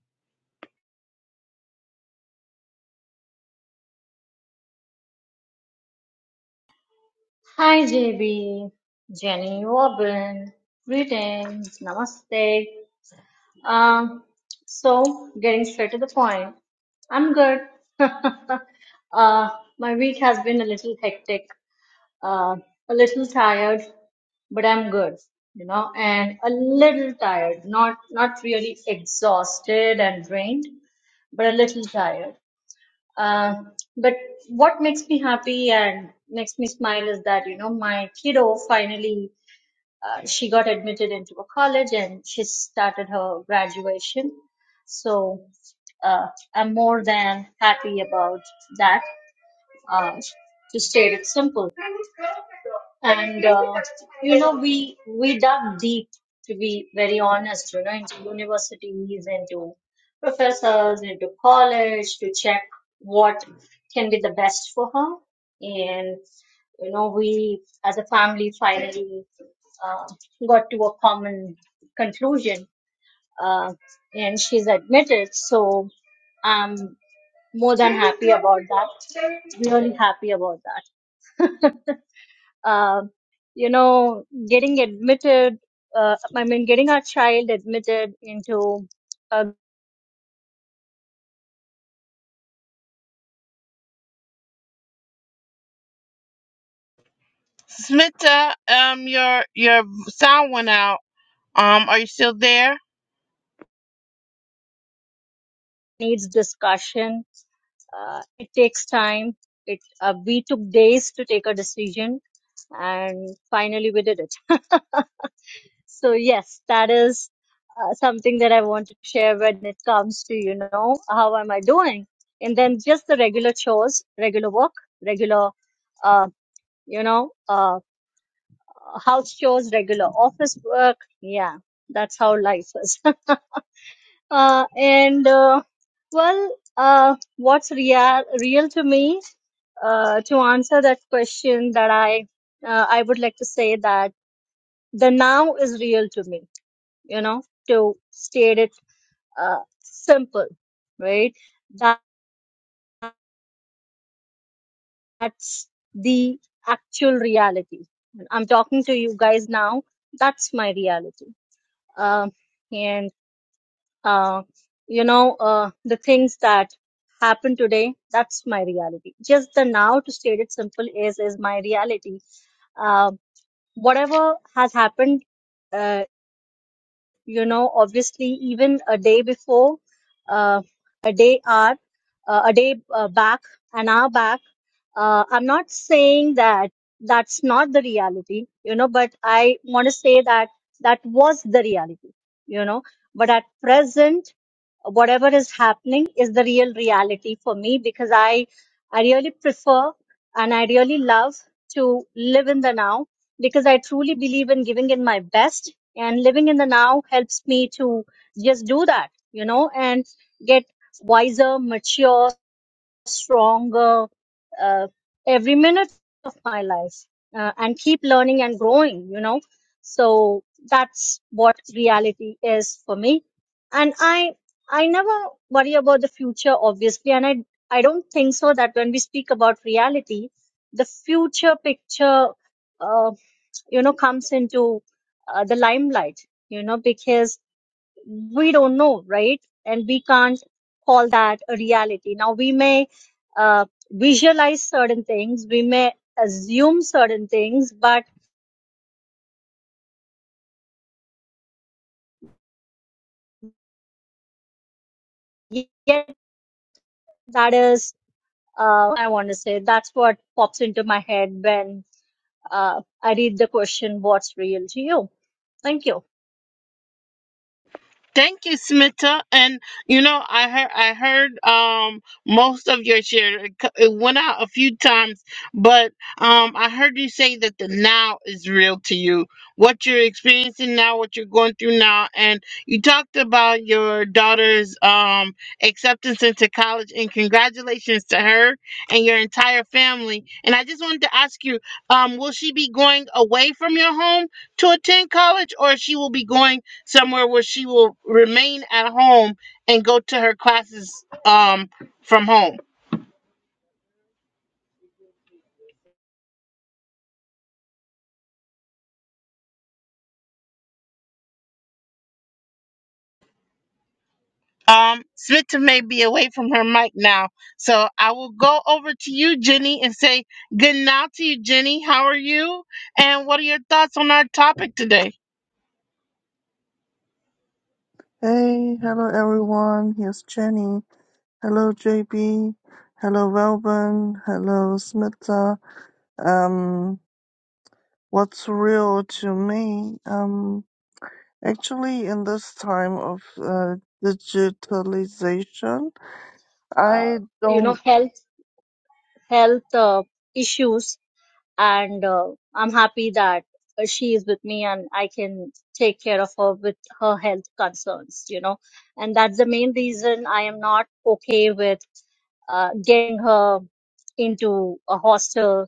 Speaker 5: Hi JB, Jenny Robin, greetings, namaste. Um, so getting straight to the point, I'm good. uh, my week has been a little hectic, uh, a little tired, but I'm good, you know, and a little tired, not not really exhausted and drained, but a little tired. Uh, but what makes me happy and makes me smile is that you know my kiddo finally uh, she got admitted into a college and she started her graduation so uh, i'm more than happy about that uh, to state it simple. And uh, you know, we we dug deep to be very honest, you know, into universities, into professors, into college to check what can be the best for her. And you know, we as a family finally uh, got to a common conclusion, uh, and she's admitted. So. I'm more than happy about that. Really happy about that. Um, you know, getting admitted, uh, I mean, getting our child admitted into a
Speaker 1: Smitta, um, your your sound went out. Um, are you still there?
Speaker 5: needs discussion, uh, it takes time. It uh, we took days to take a decision, and finally we did it. So yes, that is uh, something that I want to share when it comes to you know how am I doing, and then just the regular chores, regular work, regular. uh, you know, uh, house chores, regular office work. Yeah, that's how life is. uh, and uh, well, uh, what's real real to me? Uh, to answer that question, that I uh, I would like to say that the now is real to me. You know, to state it uh, simple, right? That's the actual reality. I'm talking to you guys now. That's my reality. Um, and uh, you know, uh, the things that happen today, that's my reality. Just the now, to state it simple, is is my reality. Uh, whatever has happened, uh, you know, obviously, even a day before, uh, a day hour, uh, a day uh, back, an hour back, uh, I'm not saying that that's not the reality, you know, but I want to say that that was the reality, you know. But at present, whatever is happening is the real reality for me because I I really prefer and I really love to live in the now because I truly believe in giving in my best and living in the now helps me to just do that, you know, and get wiser, mature, stronger uh, every minute of my life uh, and keep learning and growing you know so that's what reality is for me and i i never worry about the future obviously and i i don't think so that when we speak about reality the future picture uh, you know comes into uh, the limelight you know because we don't know, right? And we can't call that a reality. Now, we may uh, visualize certain things, we may assume certain things, but yet that is, uh, I want to say, that's what pops into my head when uh, I read the question, What's real to you? Thank you.
Speaker 1: Thank you, Smita. And you know, I heard I heard um most of your share. It, c- it went out a few times, but um I heard you say that the now is real to you. What you're experiencing now, what you're going through now, and you talked about your daughter's um acceptance into college. And congratulations to her and your entire family. And I just wanted to ask you, um, will she be going away from your home to attend college, or she will be going? somewhere where she will remain at home and go to her classes um from home. Um, Smita may be away from her mic now, so I will go over to you, Jenny, and say good night to you, Jenny. How are you? And what are your thoughts on our topic today?
Speaker 4: Hey, hello, everyone. Here's Jenny. Hello, JB. Hello, Welburn. Hello, Smita. Um, what's real to me? Um, actually, in this time of uh, digitalization, I
Speaker 5: Uh, you know,
Speaker 4: don't.
Speaker 5: health, health uh, issues and uh, I'm happy that uh, she is with me and I can take care of her with her health concerns, you know. And that's the main reason I am not okay with uh, getting her into a hostel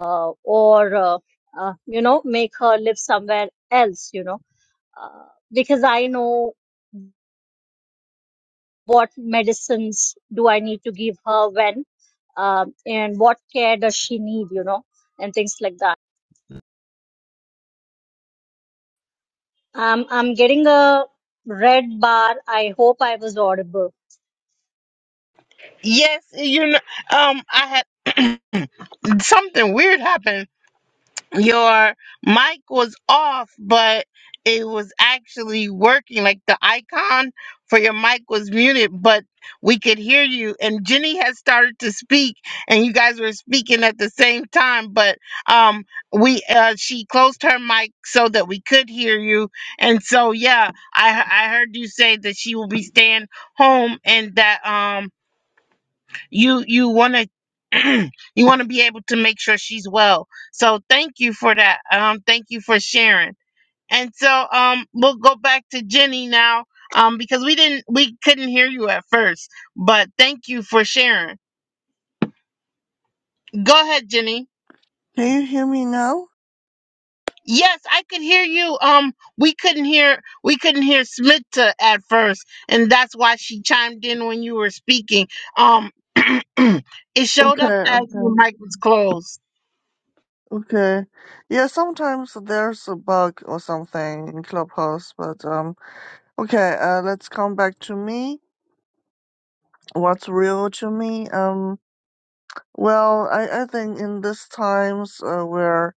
Speaker 5: uh, or, uh, uh, you know, make her live somewhere else, you know, uh, because I know what medicines do I need to give her when um, and what care does she need, you know, and things like that. Um, I'm getting a red bar. I hope I was audible.
Speaker 1: Yes, you know, um, I had something weird happened. your mic was off, but it was actually working. Like the icon for your mic was muted, but we could hear you. And Jenny has started to speak, and you guys were speaking at the same time. But um, we uh, she closed her mic so that we could hear you. And so yeah, I I heard you say that she will be staying home, and that um you you want to you want to be able to make sure she's well so thank you for that um thank you for sharing and so um we'll go back to jenny now um because we didn't we couldn't hear you at first but thank you for sharing go ahead jenny
Speaker 4: Can you hear me now?
Speaker 1: yes i could hear you um we couldn't hear we couldn't hear smita at first and that's why she chimed in when you were speaking um it showed
Speaker 4: Okay,
Speaker 1: up as
Speaker 4: okay.
Speaker 1: your mic was closed
Speaker 4: Okay. Yeah, sometimes there's a bug or something in Clubhouse, but um okay, uh let's come back to me. What's real to me? Um well, I I think in this times uh, where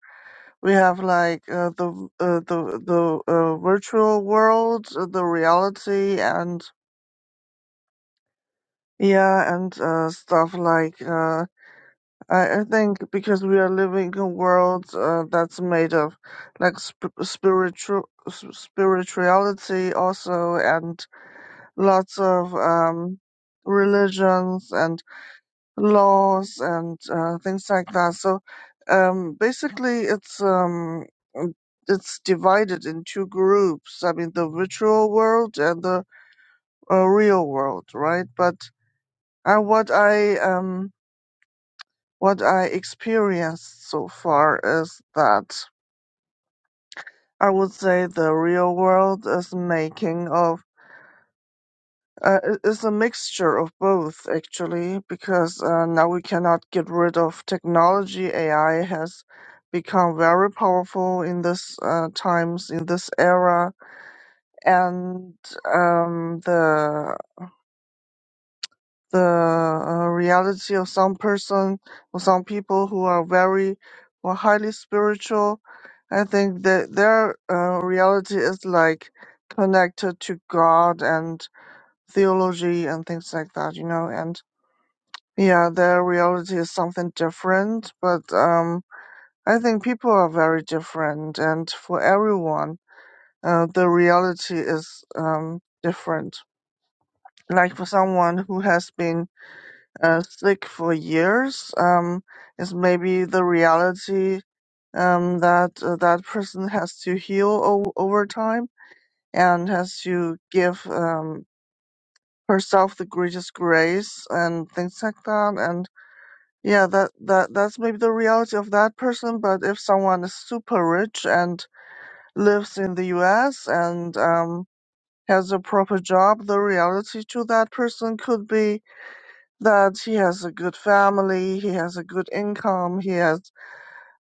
Speaker 4: we have like uh, the uh, the the uh, virtual world, uh, the reality and yeah, and uh, stuff like uh I, I think because we are living in a world uh, that's made of like sp- spiritual s- spirituality also and lots of um, religions and laws and uh, things like that. So um, basically, it's um, mm, it's divided in two groups. I mean, the virtual world and the uh, real world, right? But and what I um what I experienced so far is that I would say the real world is making of uh, i- is a mixture of both actually because uh, now we cannot get rid of technology. AI has become very powerful in this uh, times in this era, and um, the the uh, reality of some person or some people who are very or highly spiritual. I think that their uh, reality is like connected to God and theology and things like that, you know. And yeah, their reality is something different. But um, I think people are very different, and for everyone, uh, the reality is um, different. Like for someone who has been uh, sick for years um, is maybe the reality um, that uh, that person has to heal o- over time and has to give um, herself the greatest grace and things like that. And yeah, that, that that's maybe the reality of that person. But if someone is super rich and lives in the U.S. and um, has a proper job, the reality to that person could be that he has a good family, he has a good income, he has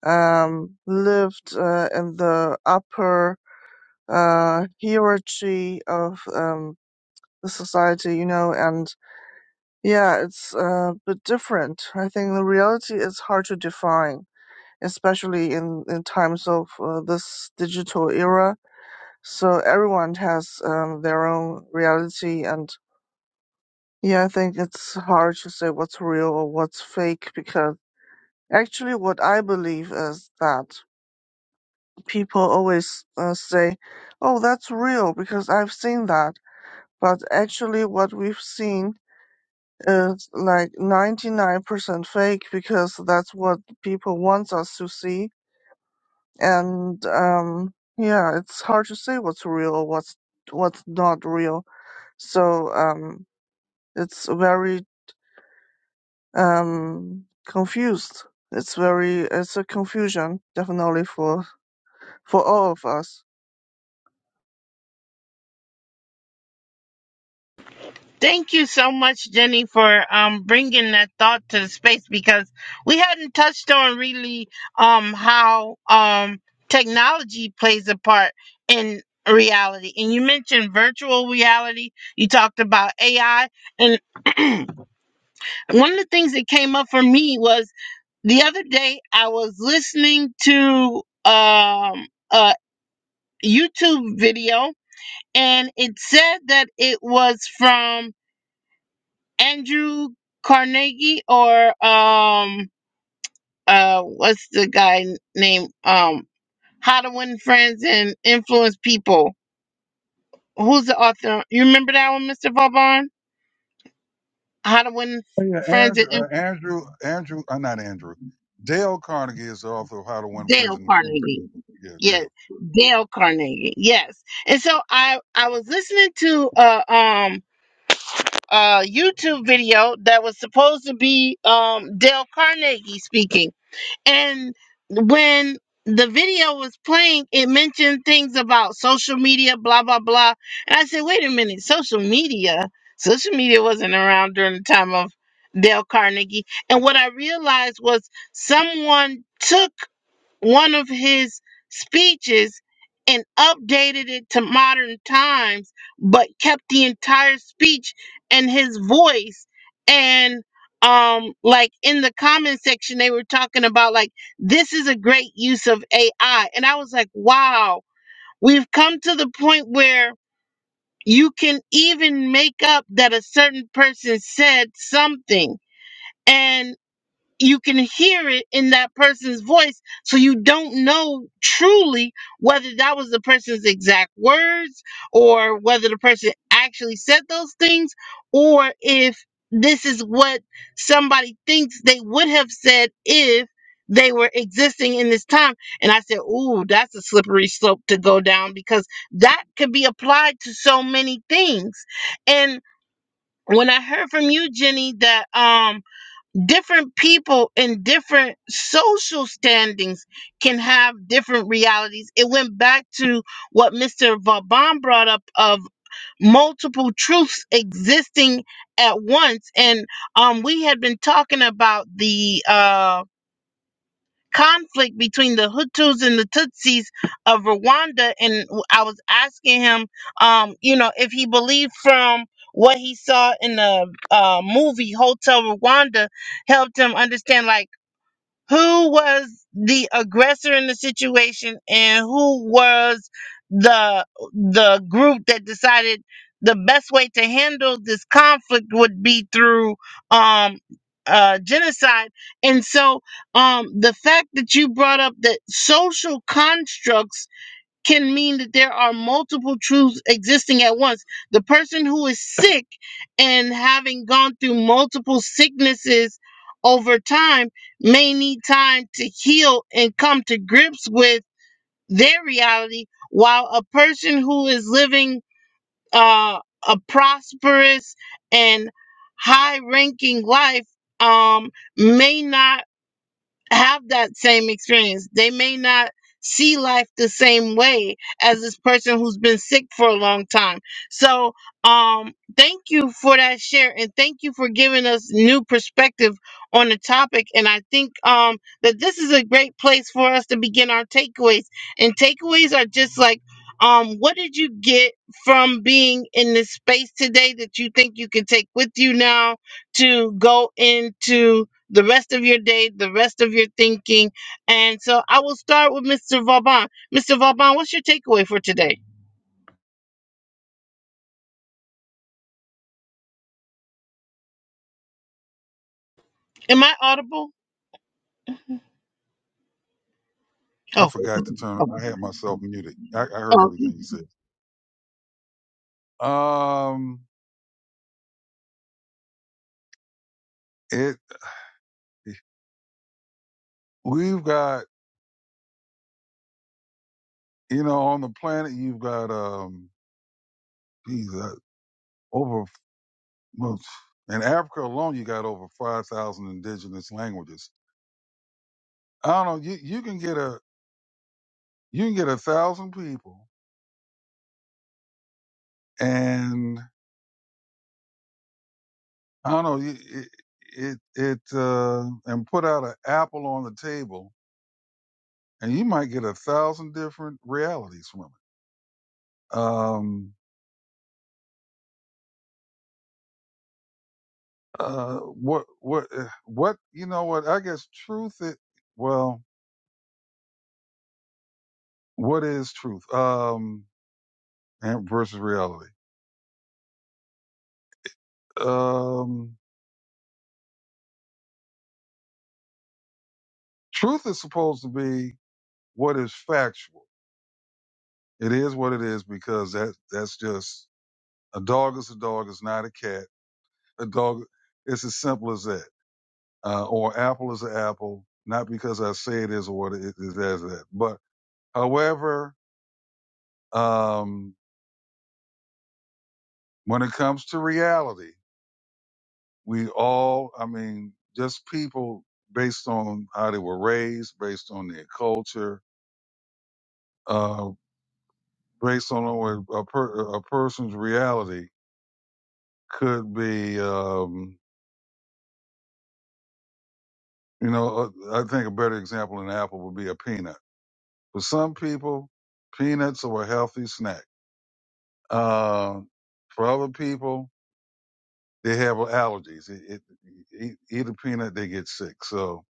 Speaker 4: um, lived uh, in the upper uh, hierarchy of um, the society, you know, and yeah, it's uh, a bit different. I think the reality is hard to define, especially in, in times of uh, this digital era. So everyone has um, their own reality and yeah, I think it's hard to say what's real or what's fake because Actually, what I believe is that people always uh, say, "Oh, that's real," because I've seen that. But actually, what we've seen is like 99% fake because that's what people want us to see. And um, yeah, it's hard to say what's real or what's what's not real. So um, it's very um, confused. It's very it's a confusion definitely for for all of us.
Speaker 1: Thank you so much, Jenny, for um, bringing that thought to the space because we hadn't touched on really um, how um, technology plays a part in reality. And you mentioned virtual reality, you talked about AI. And one of the things that came up for me was the other day I was listening to um, a YouTube video and it said that it was from Andrew Carnegie or um uh what's the guy name um How to Win Friends and Influence People. Who's the author? You remember that one, Mr. Vauban? How to Win
Speaker 2: Oh, yeah,
Speaker 1: Friends and
Speaker 2: Andrew,
Speaker 1: Inf-
Speaker 2: uh, Andrew, Andrew, uh, not Andrew. Dale Carnegie is the author of How to Win Friends
Speaker 1: Dale
Speaker 2: and Influence
Speaker 1: Carnegie.
Speaker 2: People. Yeah,
Speaker 1: Yes,
Speaker 2: Dale.
Speaker 1: Dale Carnegie. Yes. And so I I was listening to a um a YouTube video that was supposed to be um Dale Carnegie speaking And when the video was playing, it mentioned things about social media, blah, blah, blah. And I said, wait a minute, social media? Social media wasn't around during the time of Dale Carnegie. And what I realized was someone took one of his speeches and updated it to modern times, but kept the entire speech and his voice. And um, like in the comment section, they were talking about like this is a great use of AI, and I was like, wow, we've come to the point where you can even make up that a certain person said something And you can hear it in that person's voice so you don't know truly whether that was the person's exact words or whether the person actually said those things or if this is what somebody thinks they would have said if they were existing in this time and i said ooh that's a slippery slope to go down because that could be applied to so many things and when i heard from you jenny that um different people in different social standings can have different realities. It went back to what Mr. Vauban brought up of multiple truths existing at once. And um, we had been talking about the. Uh, conflict between the Hutus and the Tutsis of Rwanda. And I was asking him, um, you know, if he believed from what he saw in the uh, movie Hotel Rwanda helped him understand, like who was the aggressor in the situation and who was the the group that decided the best way to handle this conflict would be through um uh genocide and so um the fact that you brought up that social constructs can mean that there are multiple truths existing at once. The person who is sick and having gone through multiple sicknesses over time may need time to heal and come to grips with their reality, while a person who is living uh, a prosperous and high ranking life um, may not have that same experience. They may not see life the same way as this person who's been sick for a long time. So, um, thank you for that share and thank you for giving us new perspective on the topic. And I think, um, that this is a great place for us to begin our takeaways. And takeaways are just like, um, what did you get from being in this space today that you think you can take with you now to go into? the rest of your day, the rest of your thinking. And so I will start with Mr. Vauban. Mr. Vauban, what's your takeaway for today? Am I audible?
Speaker 2: I
Speaker 1: Oh,
Speaker 2: forgot to turn.
Speaker 1: oh,
Speaker 2: I had myself muted. I, I heard
Speaker 1: oh.
Speaker 2: everything you said. Um, it. We've got you know on the planet you've got um, geez, uh, over well, in Africa alone you got over five thousand indigenous languages. I don't know. You you can get a you can get a thousand people and I No, no, you- it it, it uh, and put out an apple on the table, and you might get a thousand different realities from it. Um, uh, what, what, eh, what? You know what? I guess truth. It, well, what is truth? Um, and versus reality. Um, truth is supposed to be what is factual. It is what it is because that that's just a dog is a dog. It's not a cat. A dog. It's as simple as that uh, or apple is an apple, not because I say it is or what it is as that. But however, um, when it comes to reality, we all, I mean, just people based on how they were raised, based on their culture, uh, based on a, a, per, a person's reality could be, um, you know, uh, I think a better example than apple would be a peanut. For some people, peanuts are a healthy snack. Uh, for other people, They have allergies. It, it, eat, eat a peanut, they get sick. So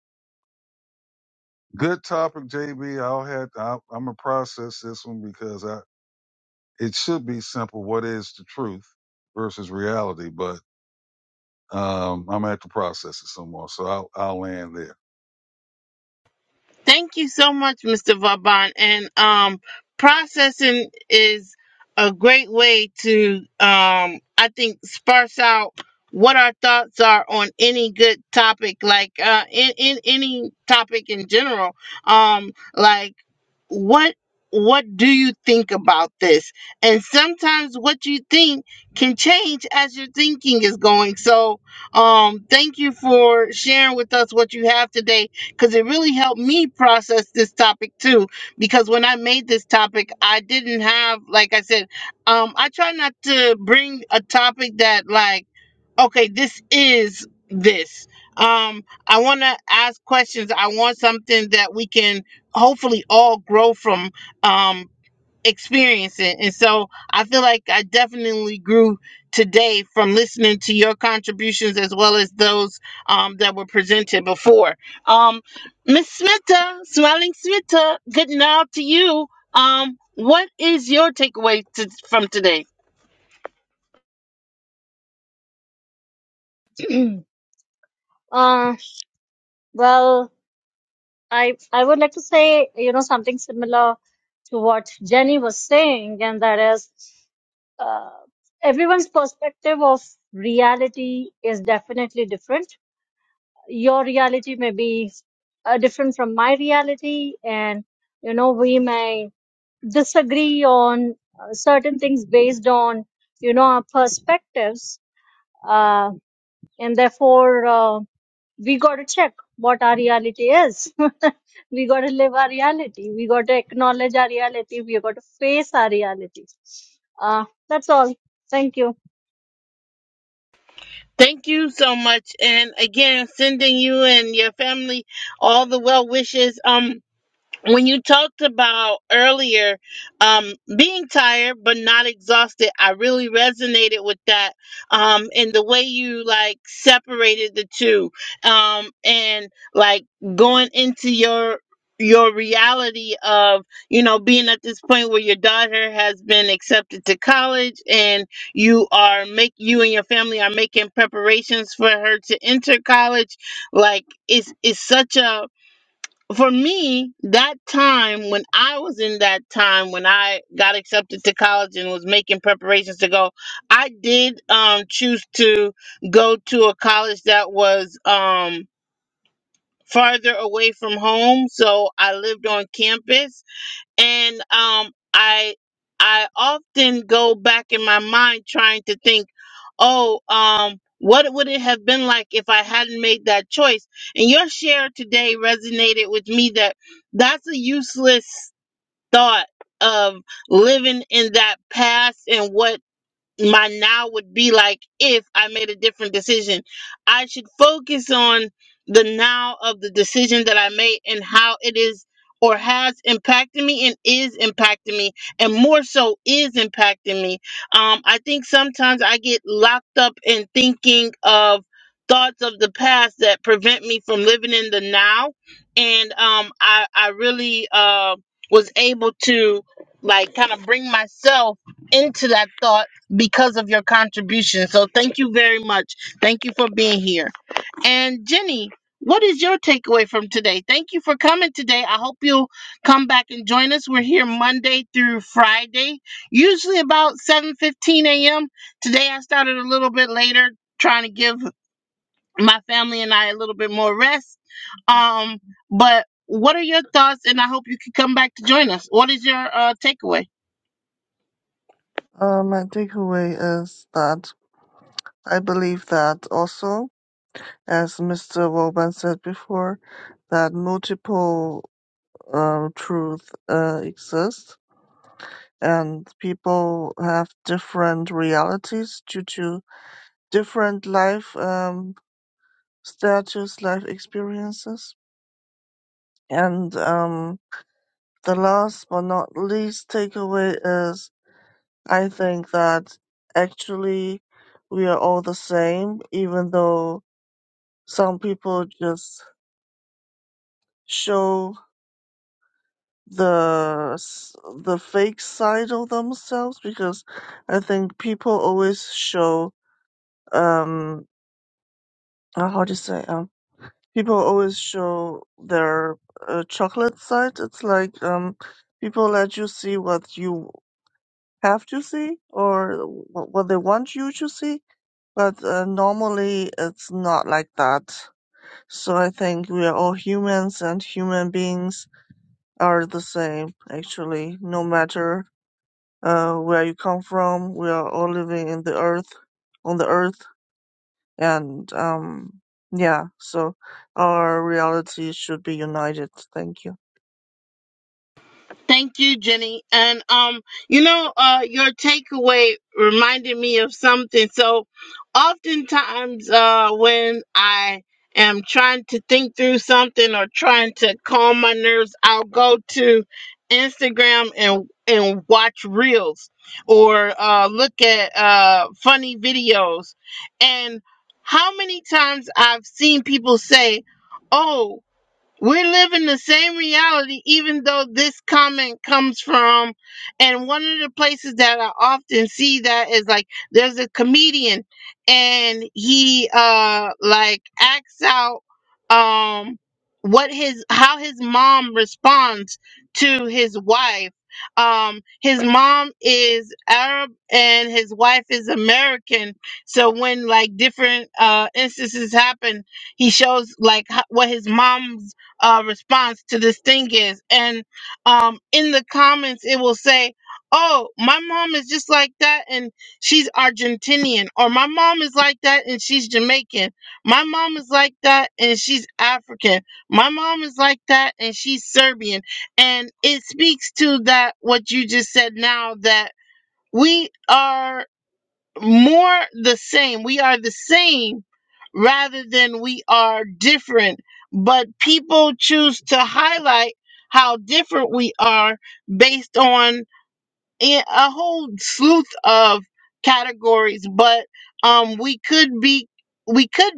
Speaker 2: good topic, JB. I'll have I, I'm gonna process this one because I it should be simple. What is the truth versus reality? But um, I'm gonna have to process it some more. So I'll I'll land there.
Speaker 1: thank you so much, Mr. Vauban. And um, processing is a great way to, um, I think, sparse out what our thoughts are on any good topic, like uh, in, in any topic in general. Um, like what what do you think about this and sometimes what you think can change as your thinking is going so um thank you for sharing with us what you have today because it really helped me process this topic too because when i made this topic i didn't have like i said um i try not to bring a topic that like Okay, this is this. Um, I want to ask questions. I want something that we can hopefully all grow from um, experiencing. And so I feel like I definitely grew today from listening to your contributions as well as those um, that were presented before. Um, Miss Smita, Smiling Smita, good now to you. Um, what is your takeaway to, from today?
Speaker 5: uh, well, I I would like to say you know something similar to what Jenny was saying, and that is uh, everyone's perspective of reality is definitely different. Your reality may be uh, different from my reality, and you know we may disagree on uh, certain things based on you know our perspectives uh, and therefore uh, we got to check what our reality is we got to live our reality we got to acknowledge our reality we got to face our reality uh, that's all thank you
Speaker 1: Thank you so much. And again, sending you and your family all the well wishes. Um, when you talked about earlier um, being tired but not exhausted, I really resonated with that. Um, and the way you like separated the two, um, and like going into your your reality of you know being at this point where your daughter has been accepted to college and you are make you and your family are making preparations for her to enter college like it's it's such a for me, that time when I was in that time when I got accepted to college and was making preparations to go, I did um, choose to go to a college that was um, farther away from home. So I lived on campus and um i i often go back in my mind trying to think oh um what would it have been like if i hadn't made that choice and your share today resonated with me that that's a useless thought of living in that past and what my now would be like if I made a different decision. I should focus on the now of the decision that I made and how it is or has impacted me and is impacting me and more so is impacting me. Um, I think sometimes I get locked up in thinking of thoughts of the past that prevent me from living in the now. And um, I, I really uh, was able to like kind of bring myself into that thought because of your contribution. So thank you very much. Thank you for being here. And Jenny, what is your takeaway from today? Thank you for coming today. I hope you'll come back and join us. We're here Monday through Friday, usually about 7:15 a.m. Today I started a little bit later trying to give my family and I a little bit more rest. Um but what are your thoughts and I hope you can come back to join us. What is your uh takeaway?
Speaker 4: Uh, my takeaway is that I believe that also, as Mr. Woban said before, that multiple uh, truth uh, exist and people have different realities due to different life um, status, life experiences. And um, the last but not least takeaway is I think that actually we are all the same, even though Some people just show the s- the fake side of themselves because I think people always show um uh, how do you say um people always show their uh, chocolate side. It's like um people let you see what you have to see or wh- what they want you to see, but uh, normally it's not like that. So I think we are all humans and human beings are the same, actually, no matter uh, where you come from. We are all living in the earth, on the earth, and um, yeah, so our reality should be united. Thank you.
Speaker 1: Thank you, Jenny. And um, you know, uh, your takeaway reminded me of something. So, oftentimes, uh, when I am trying to think through something or trying to calm my nerves, I'll go to Instagram and and watch reels or uh, look at uh, funny videos. And how many times I've seen people say, "Oh." We live in the same reality, even though this comment comes from, and one of the places that I often see that is like there's a comedian, and he uh like acts out um what his how his mom responds to his wife. Um, his mom is Arab and his wife is American. So when like different uh instances happen, he shows like h- what his mom's uh, response to this thing is. And um, in the comments, it will say, Oh, my mom is just like that and she's Argentinian. Or my mom is like that and she's Jamaican. My mom is like that and she's African. My mom is like that and she's Serbian. And it speaks to that, what you just said now, that we are more the same. We are the same rather than we are different. But people choose to highlight how different we are based on a a whole sleuth of categories, but um, we could be we could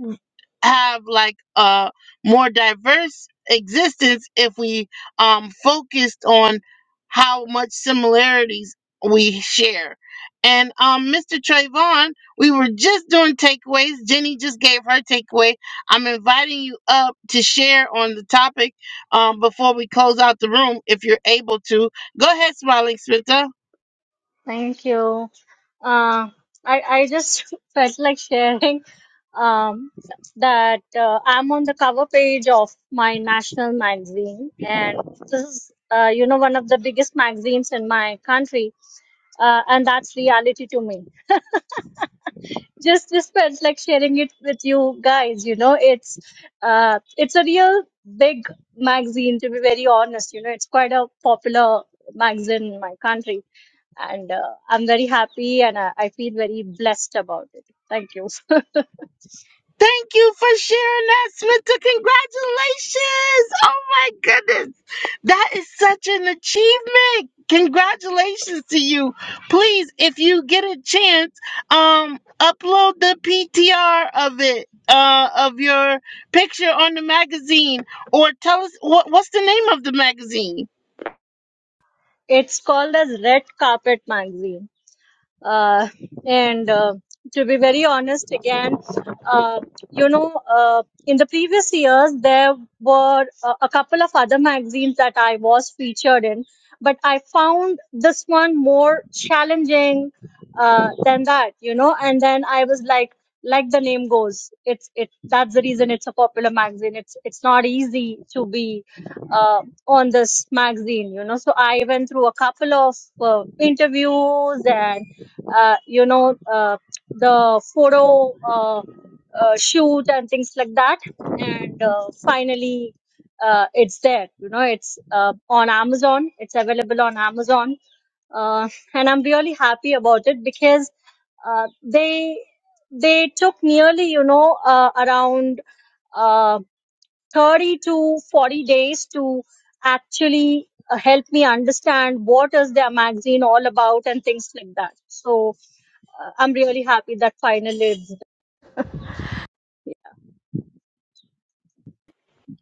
Speaker 1: have like a more diverse existence if we um focused on how much similarities we share. And um, Mr. Trayvon, we were just doing takeaways. Jenny just gave her takeaway. I'm inviting you up to share on the topic um, before we close out the room, if you're able to. Go ahead, Smiling Smita.
Speaker 5: thank you uh, I, I just felt like sharing um, that uh, I'm on the cover page of my national magazine, and this is, uh, you know, one of the biggest magazines in my country, uh, and that's reality to me just just felt like sharing it with you guys you know it's uh it's a real big magazine to be very honest you know it's quite a popular magazine in my country and uh, i'm very happy and I, I feel very blessed about it thank you
Speaker 1: Thank you for sharing that, Smita. Congratulations. Oh my goodness. That is such an achievement. Congratulations to you. Please, if you get a chance, um, upload the PTR of it, uh, of your picture on the magazine, or tell us what, what's the name of the magazine?
Speaker 5: it's called as red carpet magazine uh, and uh, to be very honest again uh, you know uh, in the previous years there were a, a couple of other magazines that i was featured in but i found this one more challenging uh, than that you know and then i was like like the name goes it's it that's the reason it's a popular magazine it's it's not easy to be uh, on this magazine you know so i went through a couple of uh, interviews and uh, you know uh, the photo uh, uh, shoot and things like that and uh, finally uh, it's there you know it's uh, on amazon it's available on amazon uh, and i'm really happy about it because uh, they they took nearly you know uh, around uh, 30 to 40 days to actually uh, help me understand what is their magazine all about and things like that so I'm really happy that finally it's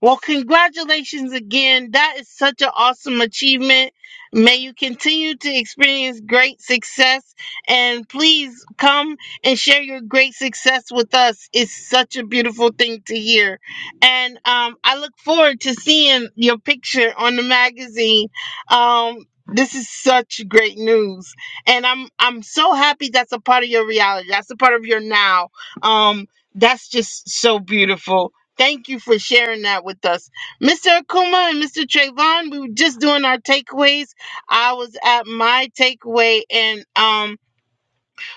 Speaker 1: Well, congratulations again. That is such an awesome achievement. May you continue to experience great success. And please come and share your great success with us. It's such a beautiful thing to hear. And um, I look forward to seeing your picture on the magazine. Um, this is such great news. And I'm I'm so happy that's a part of your reality. That's a part of your now. Um, that's just so beautiful Thank you for sharing that with us. Mr. Akuma and Mr. Trayvon, we were just doing our takeaways. I was at my takeaway, and um,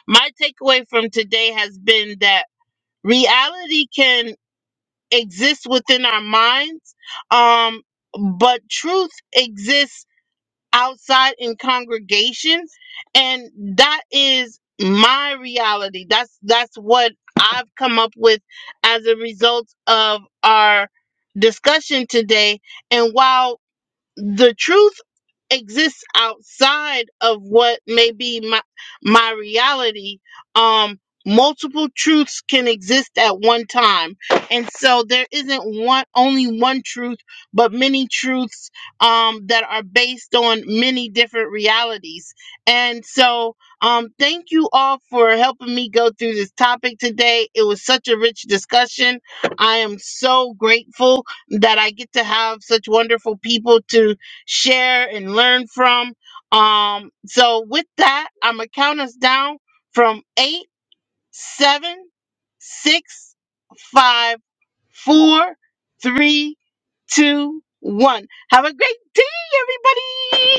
Speaker 1: my takeaway from today has been that reality can exist within our minds, um, but truth exists outside in congregation and that is my reality that's that's what i've come up with as a result of our discussion today and while the truth exists outside of what may be my my reality um multiple truths can exist at one time and so there isn't one only one truth but many truths um that are based on many different realities and so um thank you all for helping me go through this topic today it was such a rich discussion i am so grateful that I get to have such wonderful people to share and learn from. Um, so with that, I'm gonna count us down from eight, seven, six, five, four, three, two, one. Have a great day, everybody!